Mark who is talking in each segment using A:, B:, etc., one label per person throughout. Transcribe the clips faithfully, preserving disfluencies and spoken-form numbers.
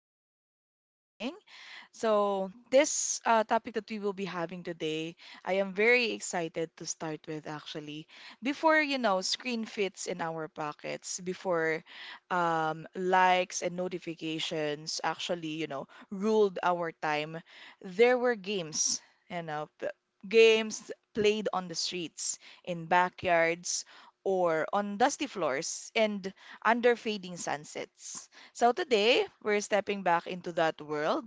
A: listeners. Good morning. So, this uh, Topic that we will be having today, I am very excited to start with actually. Before, you know, screen fits in our pockets, before um, likes and notifications actually, you know, ruled our time, there were games, you know, p- games played on the streets, in backyards, or on dusty floors and under fading sunsets. So today, we're stepping back into that world,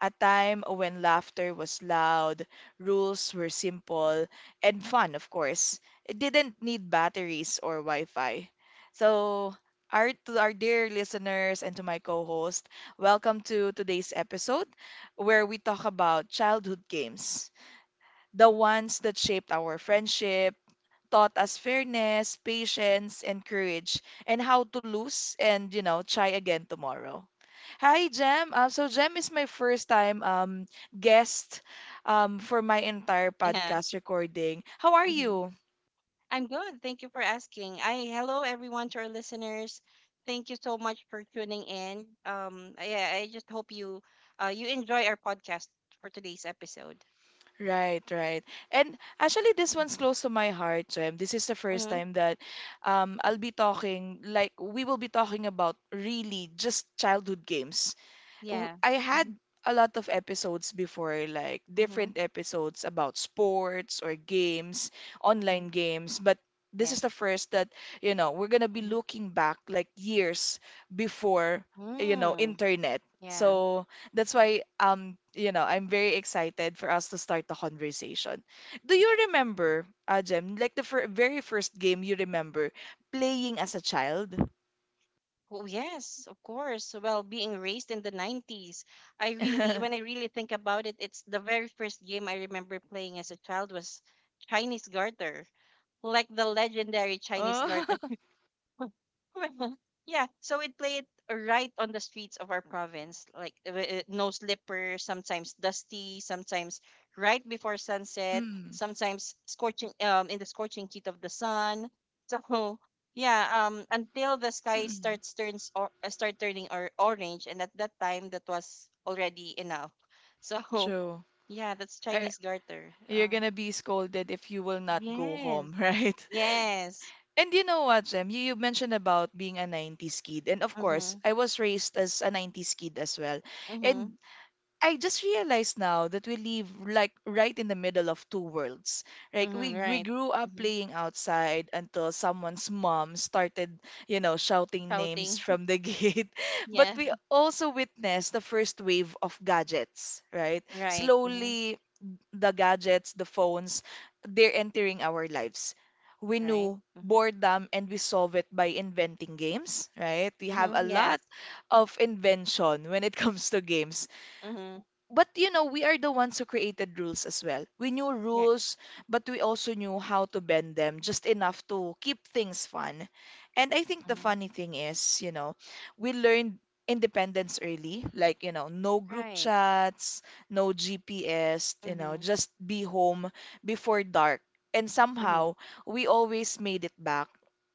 A: a time when laughter was loud, rules were simple, and fun, of course. It didn't need batteries or Wi-Fi. So, our, to our dear listeners and to my co-host, welcome to today's episode where we talk about childhood games, the ones that shaped our friendships, taught us fairness, patience, and courage, and how to lose and, you know, try again tomorrow. Hi, Jem. Uh, so Jem is my first time um guest um for my entire
B: Yeah.
A: podcast recording. How are
B: Hmm.
A: you?
B: I'm good. Thank you for asking. I Hello everyone to our listeners. Thank you so much for tuning in. Um, yeah, I just hope you uh you enjoy our podcast for today's episode.
A: Right, right. And actually, this one's
B: Mm-hmm.
A: close to my heart, Jem. This is the first
B: Mm-hmm.
A: time that um I'll be talking like we will be talking about really just childhood games. w-
B: Yeah.
A: I had
B: Mm-hmm.
A: a lot of episodes before, like
B: Mm-hmm.
A: different episodes about sports or games,
B: Mm-hmm.
A: online games, but this
B: Yeah.
A: is the first that, you know, we're gonna be
B: Mm-hmm.
A: looking back like years before, you know,
B: Mm.
A: internet.
B: Yeah.
A: So that's why um you know I'm very excited for us to start the conversation. Do
B: Yeah.
A: you remember, uh, Jem, like the fir very first game you remember playing as a child?
B: Oh yes, of course. Well, being raised in the nineties, I really when I really think about it, it's the very first game I remember playing as a child was Chinese Garter. Like the legendary Chinese
A: Oh,
B: garden. Yeah, so we'd play it right on the streets of our province, like uh, uh, no slipper, sometimes dusty, sometimes right before sunset,
A: mm,
B: sometimes scorching um in the scorching heat of the sun. So yeah, um until the sky
A: mm,
B: starts turns or uh, start turning or orange, and at that time that was already enough. So
A: true.
B: yeah, that's
A: Uh,
B: Chinese garter.
A: you're
B: Uh,
A: gonna be scolded if you will not go
B: yes.
A: home, right?
B: Yes.
A: And you know what, Jem? You, you mentioned about being a nineties kid. And of course,
B: Mm-hmm.
A: I was raised as a nineties kid as well. And I just realized now that we live like right in the middle of two worlds. Like
B: Mm-hmm,
A: we we
B: right.
A: grew up
B: Mm-hmm.
A: playing outside until someone's mom started, you know, shouting names
B: Shouting.
A: from the gate. But
B: Yeah.
A: we also witnessed the first wave of gadgets, right?
B: Right. Mm-hmm.
A: Slowly the gadgets, the phones, they're entering our lives. We
B: Right.
A: knew
B: Mm-hmm.
A: boredom and we solve it by inventing games, right? We have
B: Mm-hmm.
A: a
B: Yes.
A: lot of invention when it comes to games,
B: Mm-hmm.
A: but you know, we are the ones who created rules as well. We knew
B: Yeah.
A: rules, but we also knew how to bend them just enough to keep things fun. And I think the
B: Mm-hmm.
A: funny thing is, you know, we learned independence early, like, you know, no group
B: Right.
A: chats, no G P S, you know,
B: Mm-hmm.
A: just be home before dark. And
B: Mm-hmm.
A: somehow, we always made it back.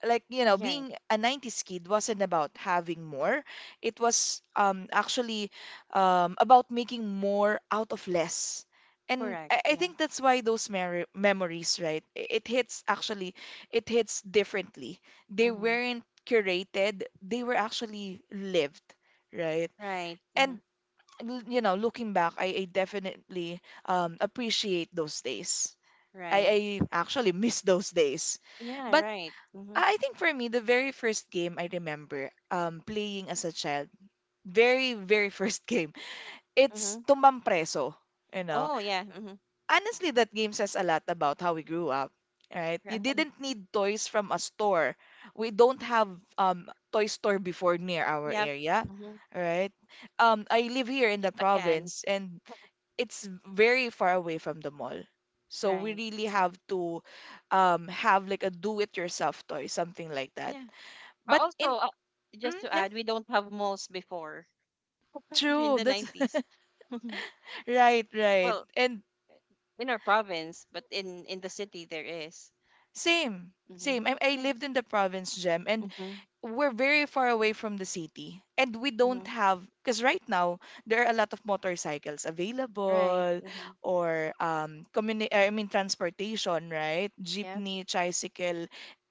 A: Like, you know,
B: Right.
A: being a nineties kid wasn't about having more. It was um actually um, about making more out of less. And
B: Correct.
A: I, I
B: Yeah.
A: think that's why those mer memories, right? i- It hits actually, it hits differently. They
B: Mm-hmm.
A: weren't curated, they were actually lived, right?
B: Right. Mm-hmm.
A: And l- you know, looking back, I, I definitely um, appreciate those days. I,
B: Right.
A: I actually miss those days.
B: Yeah.
A: But I
B: Right. Mm-hmm.
A: I think for me, the very first game I remember um, playing as a child, very, very first game, it's
B: Mm-hmm.
A: tumbang preso, you know.
B: Oh yeah. Mm-hmm.
A: Honestly, that game says a lot about how we grew up, right? You
B: Right.
A: didn't need toys from a store. We don't have um toy store before near our
B: Yep.
A: area,
B: Mm-hmm.
A: right? Um, I live here in
B: Just
A: the
B: a can.
A: province and it's very far away from the mall. So we
B: Right.
A: really have to um have like a do-it-yourself toy, something like that.
B: Yeah. Uh,
A: But
B: Also,
A: in
B: uh, just
A: mm,
B: to
A: yeah,
B: add, we don't have malls before during
A: true.
B: the
A: That's
B: nineties.
A: right, right.
B: Well,
A: And
B: in our province, but in in the city there is.
A: same,
B: Mm-hmm.
A: same. I, I
B: Yeah.
A: lived in the province, Gem, and
B: Mm-hmm.
A: we're very far away from the city. And we
B: Mm-hmm.
A: don't have, because right now there are a lot of motorcycles
B: Right.
A: available
B: Mm-hmm.
A: or um, communi- I mean, transportation, right?
B: Yeah.
A: Jeepney, tricycle,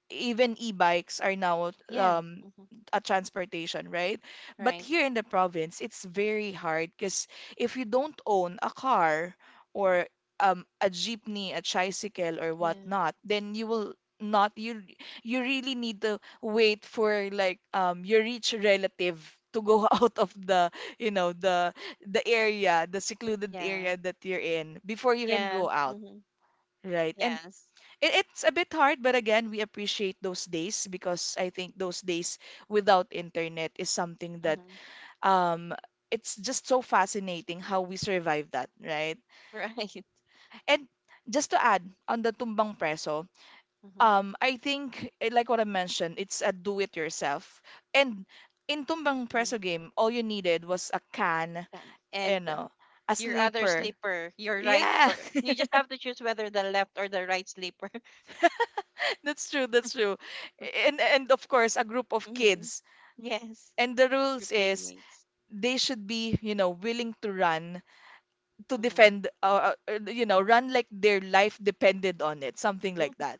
A: even e-bikes are now
B: Yeah.
A: um
B: Mm-hmm.
A: a transportation, right? But
B: Right.
A: here in the province, it's very hard because if you don't own a car or um a jeepney, a tricycle or
B: Yeah.
A: whatnot, then you will not you you really need to wait for like um your rich relative to go out of the you know the the area, the secluded
B: Yeah.
A: area that you're in before you can
B: Yeah.
A: go out,
B: Mm-hmm.
A: right? And
B: Yes.
A: it, it's a bit hard, but again, we appreciate those days because I think those days without internet is something that
B: Mm-hmm.
A: um it's just so fascinating how we survive that, right?
B: Right.
A: And just to add on the tumbang preso,
B: Mm-hmm.
A: um, I think eh, like what I mentioned, it's a do-it-yourself. And in tumbang
B: Mm-hmm.
A: preso game, all you needed was a can,
B: And,
A: you
B: and uh,
A: know, a
B: your other
A: sleeper.
B: sleeper, your right,
A: Yeah,
B: or you just have to choose whether the left or the right sleeper.
A: that's true. That's true, and and of course a group of
B: Mm-hmm.
A: kids.
B: Yes.
A: And the
B: Your
A: rules is
B: playmates.
A: they should be, you know, willing to run, to
B: Mm-hmm.
A: defend, uh, uh, uh, you know, run like their life depended on it, something like
B: Yeah.
A: that.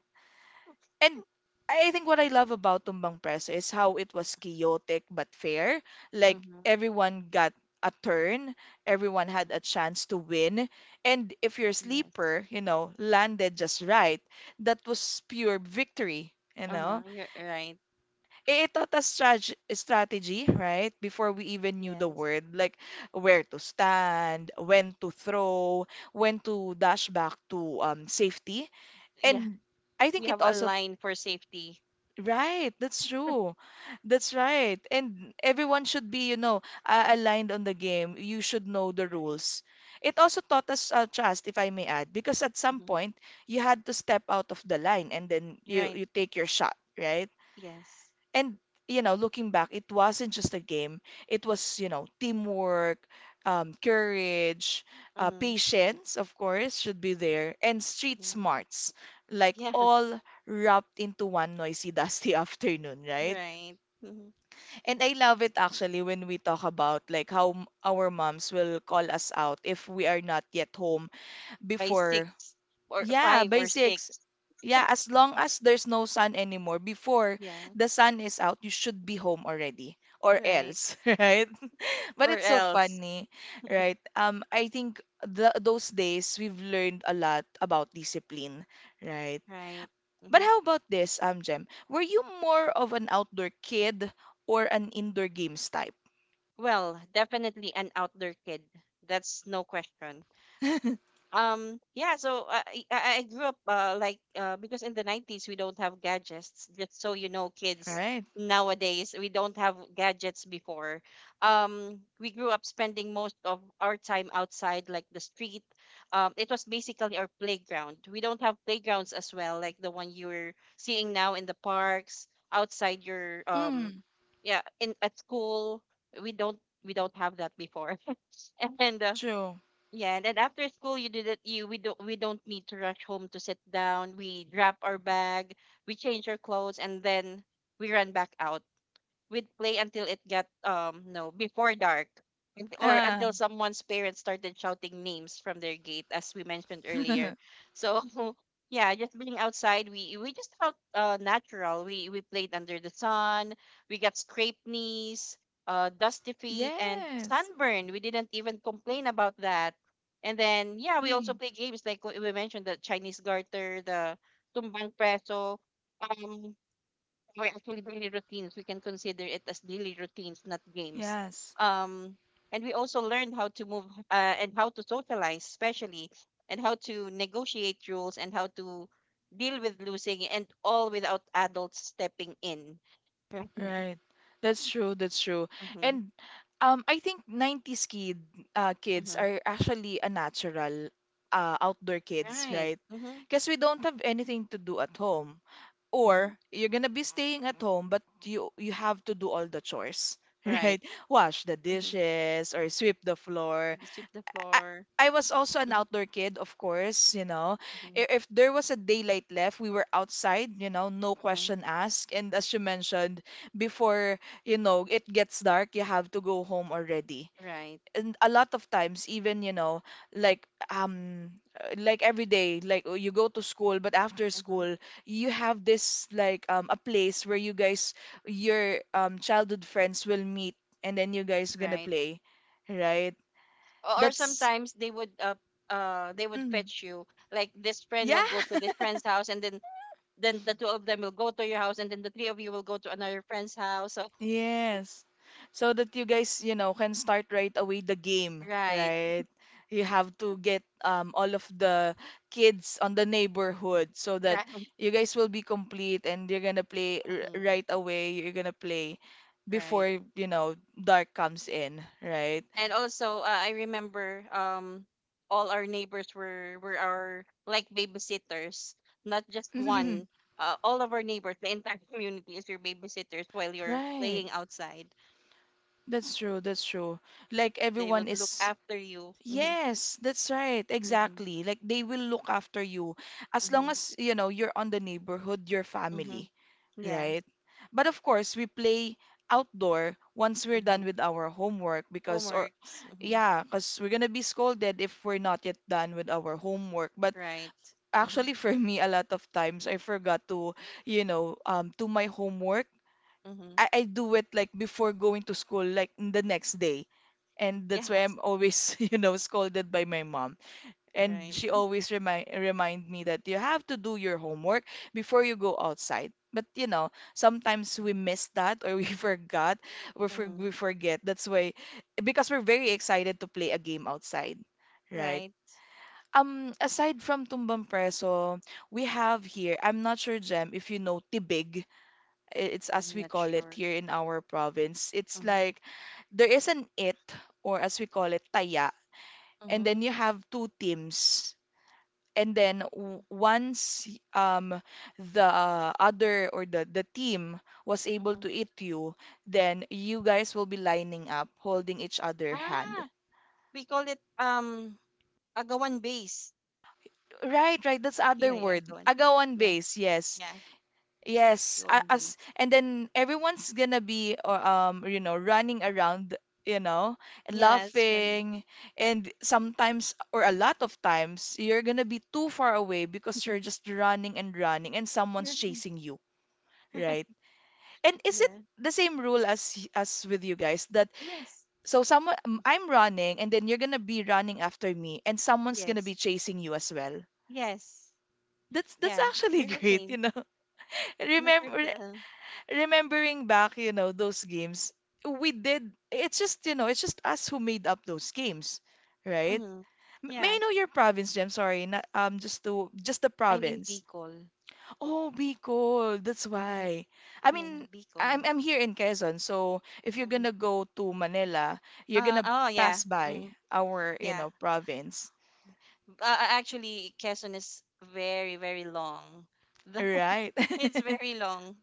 A: And I think what I love about Tumbang Preso is how it was chaotic but fair. Like
B: Mm-hmm.
A: everyone got a turn, everyone had
B: Mm-hmm.
A: a chance to win, and if your
B: Yes.
A: sleeper, you know, landed just right, that was pure victory, you
B: Uh huh.
A: know.
B: You're right.
A: It taught us strate- strategy, right? Before we even knew the
B: Yes.
A: word, like where to stand, when to throw, when to dash back to um, safety.
B: Yeah.
A: And I
B: We
A: think it
B: have a
A: also,
B: line for safety.
A: right, that's true. That's right. And everyone should be, you know, uh, aligned on the game. You should know the
B: Right.
A: rules. It also taught us uh, trust, if I may add, because at some
B: Hmm.
A: point you had to step out of the line and then you,
B: Right.
A: you take your shot, right?
B: Yes.
A: And you know, looking back, it wasn't just a game, it was you know teamwork, um, courage, uh,
B: Mm-hmm.
A: patience, of course, should be there, and street
B: Hmm.
A: smarts, like
B: Yeah.
A: all wrapped into one noisy dusty afternoon, right?
B: Right. Hmm.
A: And I love it actually when we talk about like how m- our moms will call us out if we are not yet home
B: By six
A: before,
B: or
A: yeah,
B: five
A: by
B: or
A: six,
B: six.
A: yeah, as long as there's no sun anymore, before
B: Yeah.
A: the sun is out, you should be home already or
B: Right.
A: else, right? But
B: Or
A: it's so
B: else.
A: funny, right? Um, I think the, those days we've learned a lot about discipline, right?
B: Right.
A: But
B: Hmm.
A: how about this, um, Jem? Were you more of an outdoor kid or an indoor games type?
B: Well, definitely an outdoor kid. That's no question. Um, yeah, so uh, I, I I grew up uh, like uh, because in the nineties we don't have gadgets. Just so you know, kids
A: Right?
B: nowadays we don't have gadgets before. Um, we grew up spending most of our time outside, like the street. Um, it was basically our playground. We don't have playgrounds as well, like the one you're seeing now in the parks, outside your um,
A: Mm,
B: yeah, in at school. We don't we don't have that before. And uh,
A: true.
B: yeah, and then after school, you do that. You we don't we don't need to rush home to sit down. We drop our bag, we change our clothes, and then we run back out. We'd play until it got, um no, before dark, and, or until
A: Ah.
B: someone's parents started shouting names from their gate, as we mentioned earlier. So yeah, just being outside, we we just felt uh natural. We we played under the sun, we got scraped knees, uh dusty feet, and
A: Yes.
B: sunburn. We didn't even complain about that. And then yeah, we also
A: Mm,
B: play games like we we mentioned, the Chinese garter, the tumbang preso, um or actually daily routines. We can consider it as daily routines, not games.
A: yes.
B: Um, and we also learned how to move, uh, and how to socialize, especially, and how to negotiate rules and how to deal with losing, and all without adults stepping in.
A: Right. That's true. That's true. And um, I think nineties kid, uh, kids are actually a natural uh, outdoor kids,
B: Right.
A: right?
B: Mm-hmm.
A: Because we don't have anything to do at home,
B: Mm-hmm. Right. Mm-hmm. Mm-hmm.
A: or you're gonna be staying at home, but you you have to do all the chores,
B: Right.
A: right? Wash the
B: Mm-hmm.
A: dishes or sweep the floor.
B: Sweep the
A: I,
B: floor.
A: I was also an
B: Mm-hmm.
A: outdoor kid, of course, you know.
B: Mm-hmm.
A: If, if there was a daylight left, we were outside, you know, no
B: Mm-hmm.
A: question asked. And as you mentioned, before, you know, it gets dark, you have to go home already.
B: Right.
A: And a lot of times, even, you know, like um uh, like every day, like oh, you go to school, but after
B: Mm-hmm.
A: school, you have this like um a place where you guys, your um childhood friends will meet and then you guys gonna
B: Right.
A: play, right?
B: or or
A: That's
B: sometimes they would uh, uh they would
A: mm.
B: fetch you, like this friend
A: Yeah.
B: will go to this friend's house, and then then the two of them will go to your house, and then the three of you will go to another friend's house, so
A: Yes. So that you guys, you know, can start right away the game,
B: right
A: right? You have to get um, all of the kids on the neighborhood so that
B: right
A: you guys will be complete and you're gonna play r
B: Mhm.
A: right away. You're gonna play before,
B: Right.
A: you know, dark comes in, right?
B: And also uh, I remember um all our neighbors were were our like babysitters, not just one. Uh, all of our neighbors, the entire community is your babysitters while you're
A: Right.
B: playing outside.
A: That's true. That's true. Like
B: They
A: everyone
B: would look
A: is,
B: after you. Hmm.
A: yes, that's right.
B: Hmm.
A: Exactly. Like they will look after you as
B: Hmm.
A: long as, you know, you're on the neighborhood, your
B: Hmm.
A: family,
B: Yeah.
A: right? But of course, we play outdoor once we're
B: Mm-hmm.
A: done with our homework, because or
B: Homeworks. Mm-hmm.
A: yeah, because we're gonna be scolded if we're not yet done with our homework. But
B: Right. Mm-hmm.
A: actually for me, a lot of times I forgot to, you know, um do my homework.
B: Mm-hmm.
A: I, I do it like before going to school, like the next day. And that's why I'm
B: Yes.
A: always, you know, scolded by my mom. And
B: Right.
A: she always remind remind me that you have to do your homework before you go outside. But you know, sometimes we
B: Mm-hmm.
A: miss that or we forgot or for, we
B: Mm-hmm.
A: forget. That's why, because we're very excited to play a game outside, right?
B: Right.
A: Um, aside from Tumbang Preso, we have here, I'm not sure, Jem, if you know Tibig. I- It's as
B: I'm
A: we
B: not
A: call it
B: sure.
A: here in our province. It's
B: Mm-hmm.
A: like there is an it, or as we call it, taya. And
B: Mm-hmm.
A: then you have two teams and then w- once um the other or the the team was able
B: Mm-hmm.
A: to eat you, then you guys will be lining up, holding each other hand.
B: Ah, we call it um agawan base.
A: Right, right. That's other
B: Yeah, yeah,
A: word.
B: agawan.
A: Agawan
B: Yeah,
A: base. Yes,
B: yeah,
A: yes. a-
B: agawan
A: As
B: base.
A: and then everyone's gonna be or um you know running around, you know, and
B: Yes, running.
A: laughing, and sometimes or a lot of times you're gonna be too far away because you're just running and running, and someone's
B: You're right.
A: chasing you. Right. And is it
B: Yeah.
A: the same rule as y- as with you guys that
B: Yes.
A: so someone um, I'm
B: Y-
A: running and then you're gonna be running after me and someone's gonna
B: Yes.
A: be chasing you as well?
B: Yes.
A: That's that's
B: Yeah.
A: actually
B: That's the
A: great, you
B: same.
A: know.
B: I'm not sure if
A: Remember
B: the, uh,
A: remembering back, you know, those games we did. It's just you know, it's just us who made up those games, right?
B: Mm-hmm.
A: M- May I
B: Yeah.
A: know your province, Jem? Sorry, not, um, just to just the
B: I'm in
A: province.
B: Bicol.
A: Oh, Bicol, that's
B: Mm-hmm.
A: why. I
B: Yeah,
A: mean, I'm
B: Bicol.
A: I'm here in Quezon, so if you're
B: Mm-hmm.
A: gonna go to Manila, you're
B: Uh,
A: gonna
B: oh, yeah.
A: pass by
B: Mm,
A: our, you
B: yeah.
A: know, province,
B: Uh, uh, actually, Quezon is very, very long. The-
A: right?
B: it's very long.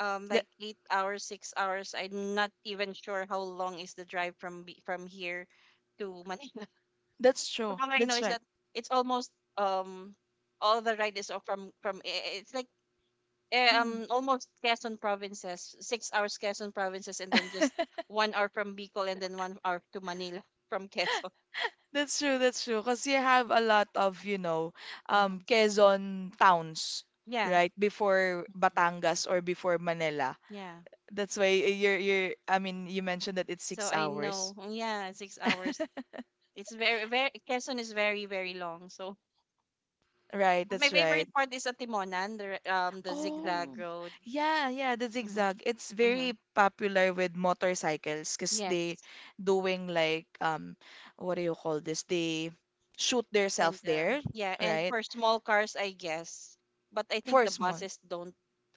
B: Um,
A: That
B: like eight hours, six hours. I'm not even sure how long is the drive from B- from here to Manila.
A: that's
B: But
A: true.
B: all I know
A: That's
B: is
A: right.
B: that it's almost um all the ride is o- from from i- it's like eh,
A: Mm.
B: um almost Quezon provinces, six hours Quezon provinces, and then just one hour from Bicol, and then one hour to Manila from Quezon.
A: That's true, that's true. Because you have a lot of, you know, um,
B: Mm-hmm.
A: Quezon towns,
B: Yeah.
A: right? Before
B: Hmm.
A: Batangas or before Manila.
B: Yeah.
A: That's why eh, you're, you're, I mean, you mentioned that it's
B: So
A: six
B: I know.
A: hours.
B: Yeah, six hours. It's very, very, Quezon is very, very long. So
A: Right,
B: but my
A: that's right.
B: favorite part is at Timonan, the, r- um, the zigzag
A: Oh,
B: road.
A: yeah, yeah, the
B: Mm-hmm.
A: zigzag. It's
B: Mm-hmm.
A: very popular with motorcycles because they
B: Yes.
A: doing like um what do you call this? They shoot
B: And
A: themselves
B: uh,
A: there,
B: yeah, and
A: right?
B: for small cars, I guess. But I think
A: For
B: the
A: small.
B: buses don't,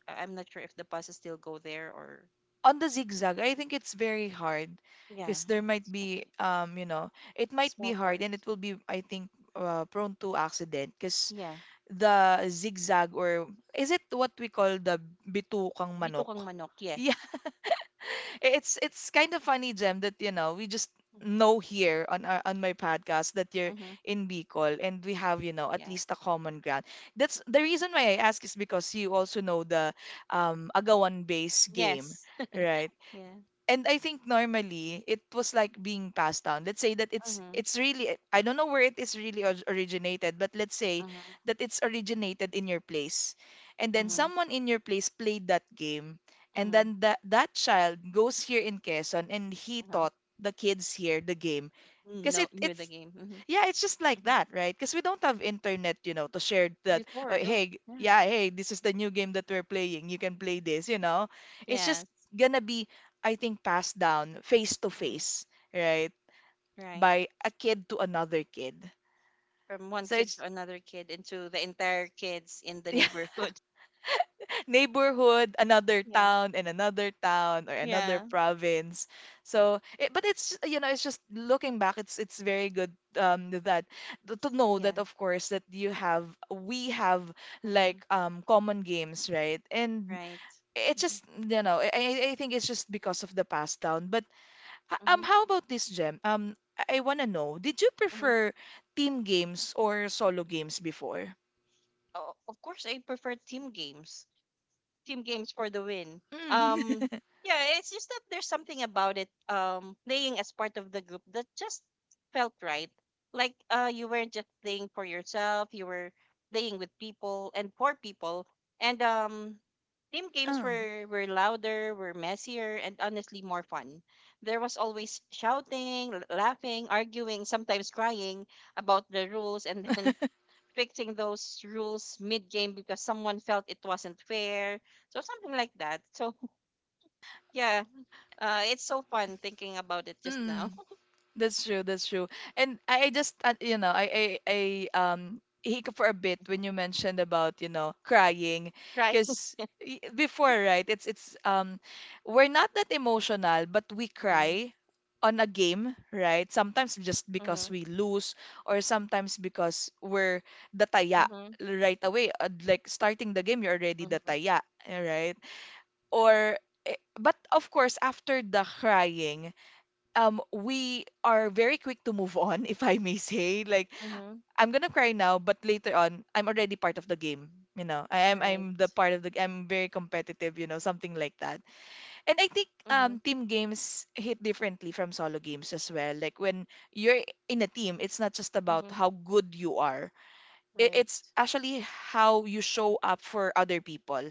B: I- I'm not sure if the buses still go there or,
A: On the zigzag, I think it's very hard
B: yeah,
A: because there might
B: it's gonna
A: be
B: be
A: um you know, it might be
B: small
A: hard
B: cars.
A: and it will be I think uh, prone to accident because
B: Yeah.
A: the zigzag or is it what we call the bitukang
B: Dito
A: manok?
B: kang manok. Yes.
A: it's it's kind of funny, Jem, that you know we just
B: Mm-hmm.
A: know here on our, on my podcast that you're
B: Mm-hmm.
A: in Bicol and we have you know at
B: Yeah.
A: least a common ground. That's the reason why I ask is because you also know the um Agawan base game,
B: Yes.
A: right?
B: Yeah.
A: And I think normally it was like being passed down. Let's say that it's
B: Mm-hmm.
A: it's really I don't know where it is really or- originated, but let's say
B: Mm-hmm.
A: that it's originated in your place, and then
B: Mm-hmm.
A: someone in your place played that game, and
B: Mm-hmm.
A: then that that child goes here in Quezon and he
B: Uh-huh.
A: taught the kids here the game because
B: No,
A: it
B: knew the
A: it's
B: game. Mm-hmm.
A: yeah, it's just like
B: Mm-hmm.
A: that, right? Because we don't have internet, you know, to share that. Oh,
B: Before, though.
A: hey, g-
B: Yeah.
A: yeah, hey, this is the new game that we're playing. You can play this, you know. It's just
B: Yes.
A: gonna be, I think, passed down face to
B: Mm-hmm.
A: face, right,
B: Right.
A: by a kid to another kid.
B: From one
A: So
B: kid
A: it's
B: to another kid into the entire kids in the
A: yeah.
B: neighborhood.
A: Neighborhood, another
B: Yeah.
A: town, and another town or another
B: Yeah.
A: province. So, it, but it's you know, it's just looking back, it's it's very good um that to, to know
B: Yeah.
A: that of course that you have we have
B: Mm-hmm.
A: like um common games, right? And
B: Right.
A: it's
B: Mm-hmm.
A: just you know, I I I think it's just because of the past down. But uh, um,
B: Mm-hmm.
A: how about this, Gem? Um, I want to know, did you
B: Mm-hmm.
A: prefer team games or solo games before?
B: Oh, of course, I prefer team games. Team games for the win.
A: Mm.
B: Um, yeah, it's just that there's something about it, um, playing as part of the group that just felt right. Like uh, you weren't just playing for yourself; you were playing with people and for people. And um, team games
A: Uh,
B: were were louder, were messier, and honestly more fun. There was always shouting, l- laughing, arguing, sometimes crying about the rules, and then fixing those rules mid game because someone felt it wasn't fair. So something like that. So yeah, uh, it's so fun thinking about it just now.
A: That's true. That's true. And I I just uh, you know I I, I um hiccup for a bit
B: Mhm.
A: when you mentioned about you know crying
B: Right.
A: because before right it's it's um we're not that emotional but we
B: Mm-hmm.
A: cry on a game right sometimes just because
B: Mm-hmm.
A: we lose or sometimes because we're the taya
B: Mm-hmm.
A: right away, uh, like starting the game you're already the
B: Mm-hmm.
A: taya, right, or eh, but of course after the crying, um we are very quick to move on if I may say, like
B: Mm-hmm.
A: I'm gonna cry now but later on I'm already part of the game, you know I, am
B: Right.
A: I'm the part of the I'm very competitive, you know something like that. And I think
B: Mm-hmm.
A: um team games hit differently from solo games as well, like when you're in a team it's not just about
B: Mm-hmm.
A: how good you are, it, it's
B: Right.
A: actually how you show up for other people.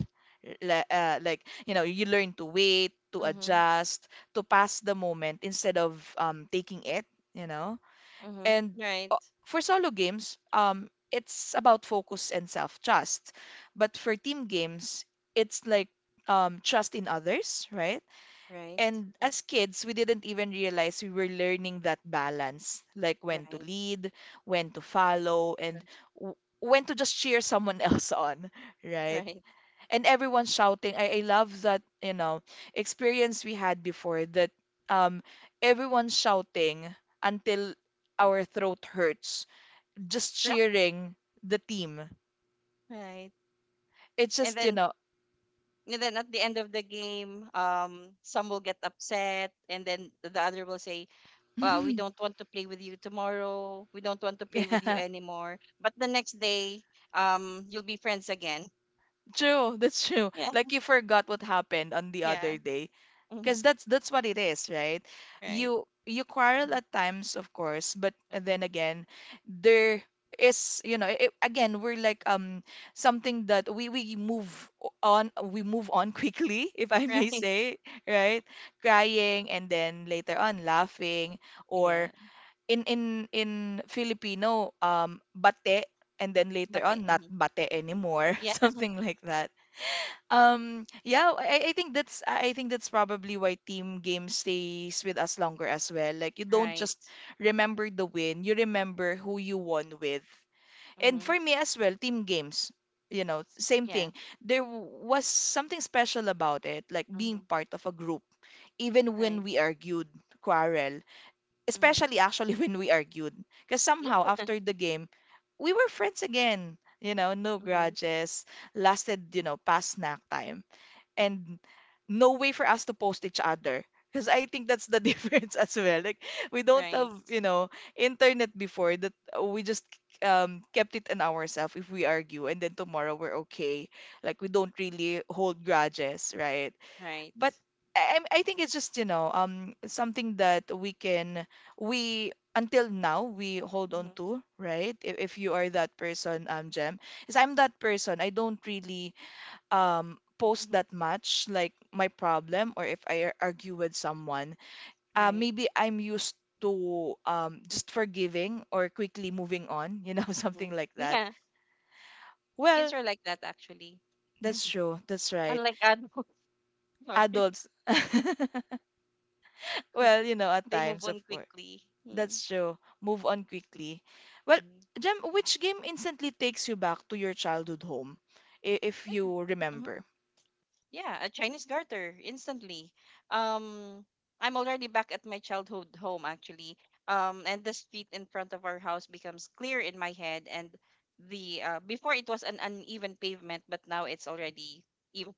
A: Li- uh, like, you know, you learn to wait, to
B: Mm-hmm.
A: adjust, to pass the moment instead of um, taking it, you know.
B: Mm-hmm.
A: And
B: Right.
A: uh, for solo games, um, it's about focus and self-trust. But for team games, it's like um, trust in others, right?
B: Right.
A: And as kids, we didn't even realize we were learning that balance, like when to
B: Right.
A: lead, when to follow, and
B: Right.
A: w- when to just cheer someone else on, right?
B: Right.
A: And everyone shouting. I, I love that, you know, experience we had before that um everyone shouting until our throat hurts, just
B: Right.
A: cheering the team.
B: Right.
A: It's
B: And
A: just, you
B: then
A: know,
B: and then at the end of the game, um, some will get upset, and then the other will say, uh, we don't want to play with you tomorrow. We don't want to play with you
A: yeah,
B: anymore. But the next day, um, you'll be friends again.
A: true, that's true.
B: Yeah,
A: Like you forgot what happened on the
B: yeah,
A: other day
B: mm-hmm.
A: because that's that's what it is, right?
B: Right,
A: you you quarrel
B: mm-hmm.
A: at times of course, but then
B: Hmm.
A: again there is you know it, again we're like um something that we we move o- on we move on quickly if I may
B: Right,
A: say, right, crying and then later on laughing, or
B: yeah.
A: in in in Filipino um bate, and then later
B: But they,
A: on not
B: mhm.
A: bate anymore
B: Yeah,
A: something like that. um, yeah, I, I think that's I I think that's probably why team game stays with us longer as well. Like you don't
B: right,
A: just remember the win, you remember who you won with. And
B: mm-hmm.
A: for me as well, team games, you know, same
B: Yeah,
A: thing. There w- was something special about it, like being
B: mm-hmm.
A: part of a group, even when
B: Right,
A: we argued, quarrel,
B: mm-hmm.
A: especially actually when we argued, because
B: Yeah,
A: somehow after the game, we were friends again. You know, no
B: mm-hmm.
A: grudges lasted, you know, past snack time, and no way for us to post each other. Because I think that's the difference as well. Like we don't
B: Right,
A: have, you know, internet before that uh, we just um kept it in ourselves if we argue and then tomorrow we're okay. Like we don't really hold grudges, right?
B: right,
A: But I, I'm- I think it's just, you know, um something that we can we until now we hold on
B: mm-hmm.
A: to, right? If, if you are that person, um, Jem, is I'm that person. I don't really um post
B: Hmm.
A: that much like my problem, or if I ar- argue with someone, uh,
B: Right,
A: maybe I'm used to um just forgiving or quickly moving on, you know,
B: mm-hmm.
A: something like that.
B: Yeah. Kids
A: Well,
B: are like that actually.
A: that's true, that's right.
B: Unlike adults, sorry,
A: Adults well you know at
B: they move
A: times of
B: on
A: course,
B: quickly. Mm-hmm.
A: that's true, move on quickly. Well,
B: Mm-hmm.
A: Jem, which game instantly takes you back to your childhood home, i- if
B: Oh, yeah.
A: you
B: Hmm.
A: remember?
B: Yeah, a Chinese garter instantly. Um, I'm already back at my childhood home actually. Um, and the street in front of our house becomes clear in my head. And the uh, before it was an uneven pavement, but now it's already even.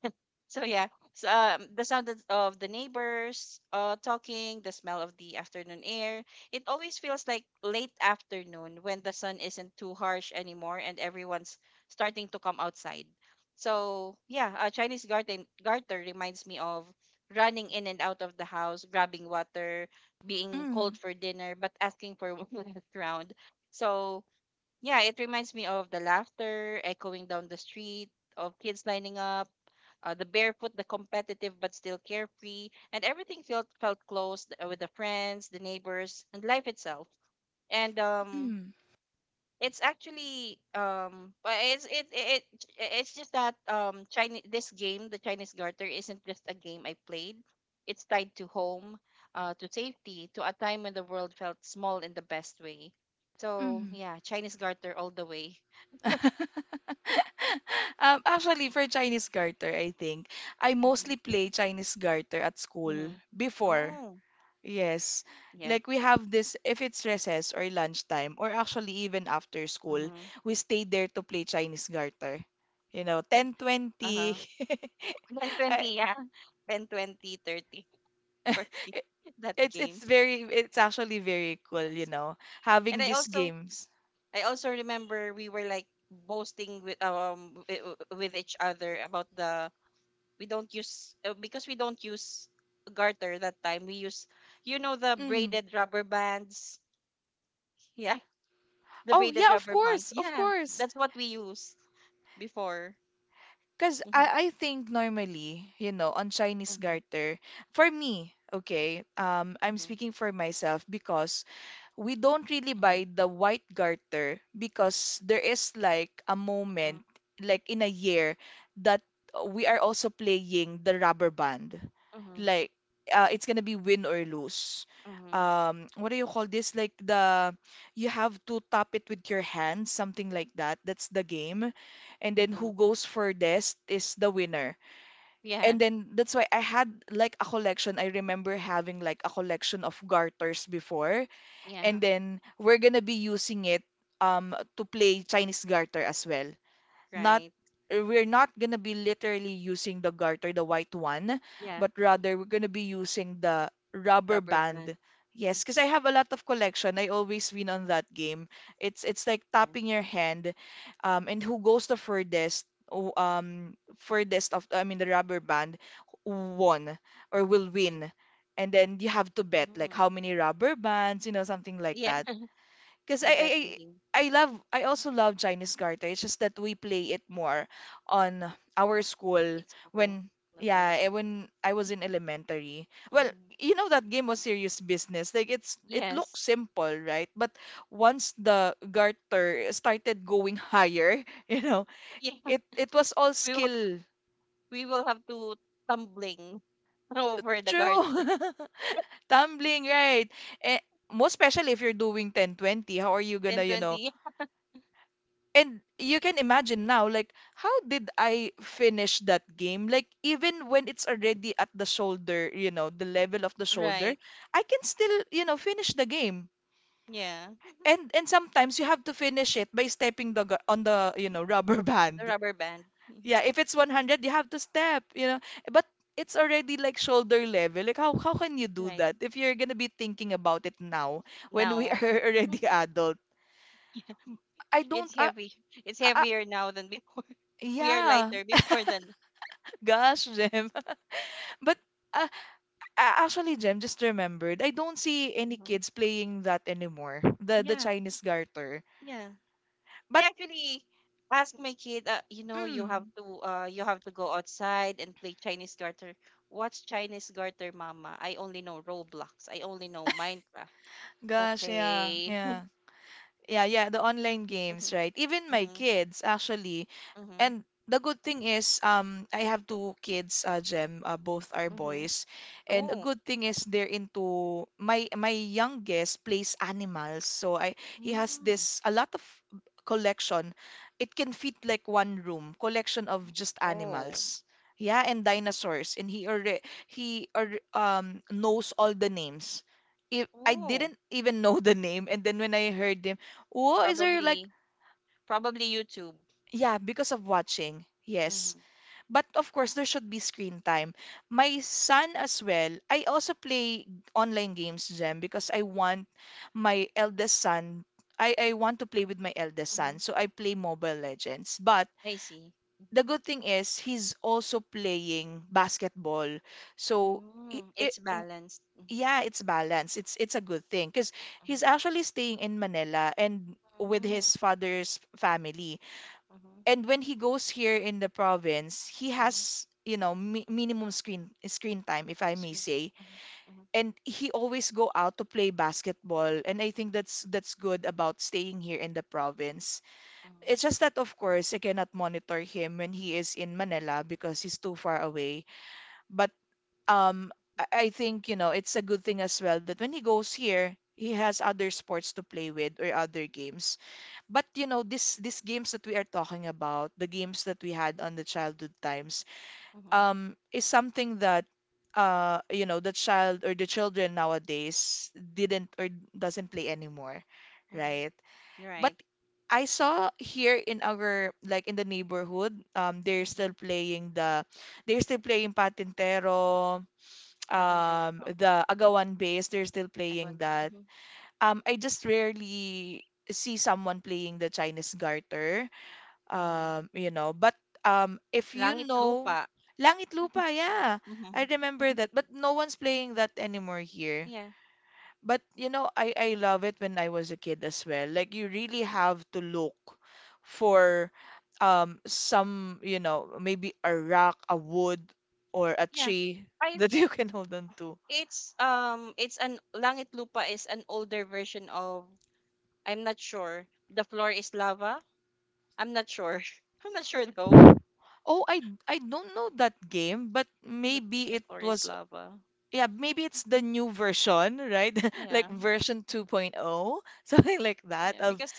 B: So yeah, so, um, the sound of of the neighbors uh, talking, the smell of the afternoon air. It always feels like late afternoon when the sun isn't too harsh anymore and everyone's starting to come outside. So yeah, a Chinese garden garter reminds me of running in and out of the house, grabbing water, being
A: Mm,
B: cold for dinner, but asking for one last round. So yeah, it reminds me of the laughter echoing down the street, of kids lining up, uh, the barefoot, the competitive but still carefree, and everything felt felt close, uh, with the friends, the neighbors, and life itself. And um,
A: mm,
B: it's actually um, but it's it, it it it's just that um, Chinese this game, the Chinese Garter, isn't just a game I played. It's tied to home, uh, to safety, to a time when the world felt small in the best way. So
A: mm.
B: yeah, Chinese Garter all the way.
A: Um, actually, for Chinese garter, I think I mostly play Chinese garter at
B: Hmm.
A: school
B: Hmm.
A: before.
B: Oh
A: Yes.
B: yeah.
A: Like we have this if it's recess or lunchtime, or actually even after school,
B: Hmm.
A: we stay there to play Chinese garter. You know,
B: And uh huh.
A: ten twenty. I-
B: one twenty, yeah. ten, twenty, thirty, forty, that
A: it's
B: game.
A: it's very it's actually very cool,
B: And
A: you
B: so-
A: know,
B: and
A: having
B: I
A: these
B: also
A: games.
B: I also remember we were like boasting with um wi- wi- with each other about the we don't use uh, because we don't use garter that time. We use you know the
A: Mm.
B: braided rubber bands. Yeah, the
A: Oh,
B: braided
A: yeah, of
B: rubber
A: course.
B: bands.
A: Of
B: Yeah,
A: course.
B: that's what we use before.
A: Because I,
B: Mhm.
A: I think normally, you know, on Chinese
B: Mhm.
A: garter, for me, okay, um, I'm
B: Mhm.
A: speaking for myself because we don't really
B: Mhm.
A: buy the white garter because there is like a
B: Mhm.
A: moment, like in a year, that we are also playing the rubber band.
B: Mhm.
A: Like uh, it's gonna be win or lose.
B: Mhm.
A: Um, what do you call this? Like the you have to tap it with your hands, something like that. That's the game. And then
B: Mhm.
A: who goes furthest is the winner.
B: Yeah.
A: And then that's why I had like a collection. I remember having like a collection of garters before
B: Yeah.
A: and then we're gonna be using it um to play Chinese garter as well. Not
B: Right.
A: uh, we're not gonna be literally using the garter, the white one,
B: Yeah.
A: but rather we're gonna be using the rubber
B: Rubber bands.
A: band.
B: Mhm.
A: Yes, because I have a lot of collection. I always win on that game. It's it's like
B: Yeah,
A: tapping your hand, um, and who goes the furthest, o- um, furthest of I mean the rubber band, won or will
B: right.
A: win. And then you have to bet like
B: Mm.
A: how many rubber bands, you know, something like
B: Yeah,
A: that. Because I,
B: the
A: I I
B: betting game
A: I love I also love Chinese garter. It's just that we play it more on our
B: in
A: school
B: school,
A: when
B: not on the
A: yeah eh,
B: street.
A: when I was in elementary. Well,
B: Hmm.
A: you know that game was serious business. Like it's it looks
B: Yes.
A: simple, right? But once the garter started going higher, you know,
B: Yeah,
A: it it was all
B: we will
A: skill.
B: we will have to tumbling over the guard.
A: True, tumbling, right? Eh, most especially if you're doing ten twenty, how are you gonna
B: ten
A: you know.
B: twenty.
A: And you can imagine now, like, how did I finish that game? Like, even when it's already at the shoulder, you know, the level of the shoulder,
B: Right.
A: I can still, you know, finish the game.
B: Yeah.
A: And and sometimes you have to finish it by stepping the gu- on the, you know, rubber
B: The
A: band.
B: rubber band. Mhm.
A: Yeah, if it's one hundred, you have to step, you know. But it's already like shoulder level. Like, how how can you do
B: Right.
A: that if you're gonna be thinking about it now when we
B: Now.
A: are already adult?
B: Yeah.
A: I don't.
B: It's
A: I,
B: heavy. It's
A: I, I
B: heavier now than before. We are
A: yeah.
B: lighter before than.
A: Gosh, Jem. But uh, a- Actually, Jem, just remembered, I don't see any
B: Mhm.
A: kids playing that anymore. The the
B: Yeah.
A: Chinese garter.
B: Yeah. I
A: But
B: actually asked my kid, uh, you know, you have
A: mm,
B: to uh you have to go outside and play Chinese garter. What's Chinese garter, mama? I only know Roblox. I only know Minecraft.
A: Gosh, yeah,
B: Okay.
A: yeah. Yeah, yeah, the online games,
B: Mm-hmm,
A: right? Even my
B: mm-hmm,
A: kids, actually.
B: mm-hmm,
A: And the good thing is, um, I have two kids, uh, Jem, uh, both are
B: mm-hmm.
A: boys. And a
B: Oh.
A: good thing is they're into my my youngest plays animals. So I He has
B: Mm.
A: this a lot of collection. It can fit like one room, collection of just
B: Oh.
A: animals. Yeah, and dinosaurs. And he already he alre- um knows all the names. If I
B: Oh.
A: didn't even know the name, and then when I heard him, oh, is there like
B: Probably probably YouTube.
A: yeah, because of watching. Yes.
B: Mm-hmm,
A: But of course, there should be screen time. My son as well, I also play online games, Jem, because I want my eldest son, I, I want to play with my eldest
B: mm-hmm.
A: son. So I play Mobile Legends. But
B: I see.
A: the good thing is, he's also playing basketball. So it,
B: Mm.
A: it
B: It's
A: w-
B: balanced. Mm-hmm,
A: yeah, it's balanced. It's it's a good thing because he's
B: mm-hmm.
A: actually staying in Manila and with
B: Mm,
A: his father's family,
B: mhm,
A: and when he goes here in the province, he
B: mhm.
A: has, you know, mi- minimum screen screen time, if I may
B: Screen time.
A: say,
B: Mhm, mhm,
A: and he always go out to play basketball. And I think that's that's good about staying here in the province.
B: mhm,
A: It's just that of course I cannot monitor him when he is in Manila because he's too far away. But um, I I think, you know, it's a good thing as well that when he goes here, he has other sports to play with or other games. But you know, this these games that we are talking about, the games that we had on the childhood times,
B: mhm,
A: um, is something that uh, you know, the child or the children nowadays didn't or doesn't play anymore,
B: mhm.
A: right? But
B: Right.
A: I saw here in our, like, in the neighborhood, um, they're
B: Mhm.
A: still playing the they're still playing Patintero,
B: Patintero,
A: um,
B: oo.
A: the Agawan base, they're still playing
B: Iconic.
A: that.
B: Mhm,
A: Um, I just rarely see someone playing the Chinese garter
B: mhm.
A: um, you know, but um, if you
B: Langit
A: know,
B: lupa.
A: Langit
B: Mhm.
A: Lupa, yeah, I
B: Mhm.
A: remember that, but no one's playing that anymore here.
B: Yeah,
A: But you know, I I love it when I was a kid as well, like you really
B: yeah.
A: have to look for um, some, you know, maybe a rock, a wood, or a
B: Yeah.
A: tree
B: I
A: that you
B: think
A: can hold on to.
B: it's um it's an Langit Lupa is an older version of I'm not sure. The floor is lava. I'm not sure. I'm not sure though.
A: Oh, I I don't know that game, but
B: The
A: maybe
B: the
A: it
B: floor is
A: was
B: lava.
A: yeah, maybe it's the
B: Mhm.
A: new version, right? Like
B: Yeah.
A: version 2.0, something like that
B: Yeah,
A: of
B: because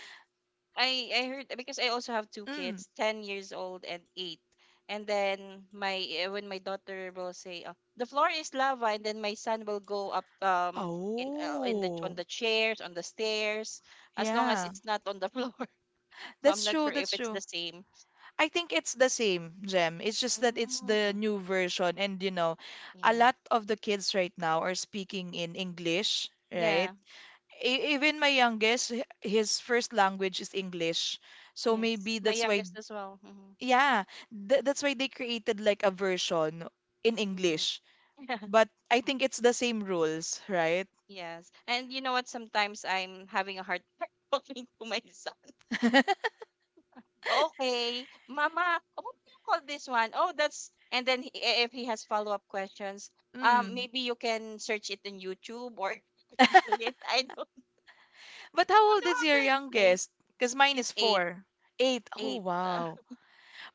B: I I heard because I also have two
A: mm,
B: kids, ten years old and eight. And then my eh, when my daughter will say, oh, "The floor is lava," and then my son will go up um in uh, in the on
A: oh.
B: the chairs on the stairs as long as
A: Yeah.
B: it's not on the floor. So I'm
A: That's
B: not
A: true,
B: sure if
A: that's
B: it's
A: true.
B: the same.
A: I think it's the same, Gem. It's just that it's the
B: Mm,
A: new version and, you know, a
B: yeah,
A: lot of the kids right now are speaking in English, right?
B: yeah,
A: E- Even my youngest, h- his first language is English. So
B: yes.
A: maybe
B: My
A: that's why,
B: youngest as well. Hmm
A: yeah, th that's why they created like a version in
B: hmm
A: English. But I think it's the same rules, right?
B: Yes, and you know what? Sometimes I'm having a hard time talking to myself okay, mama, what do you call this one? Oh, that's and then he, eh, if he has follow up questions, um,
A: Mm.
B: maybe you can search it in YouTube or Google it. I don't I
A: But how
B: don't
A: old
B: know
A: is
B: how to
A: your
B: explain.
A: youngest? Because mine
B: She's
A: is
B: eight,
A: four. Eight. Oh,
B: eight.
A: wow.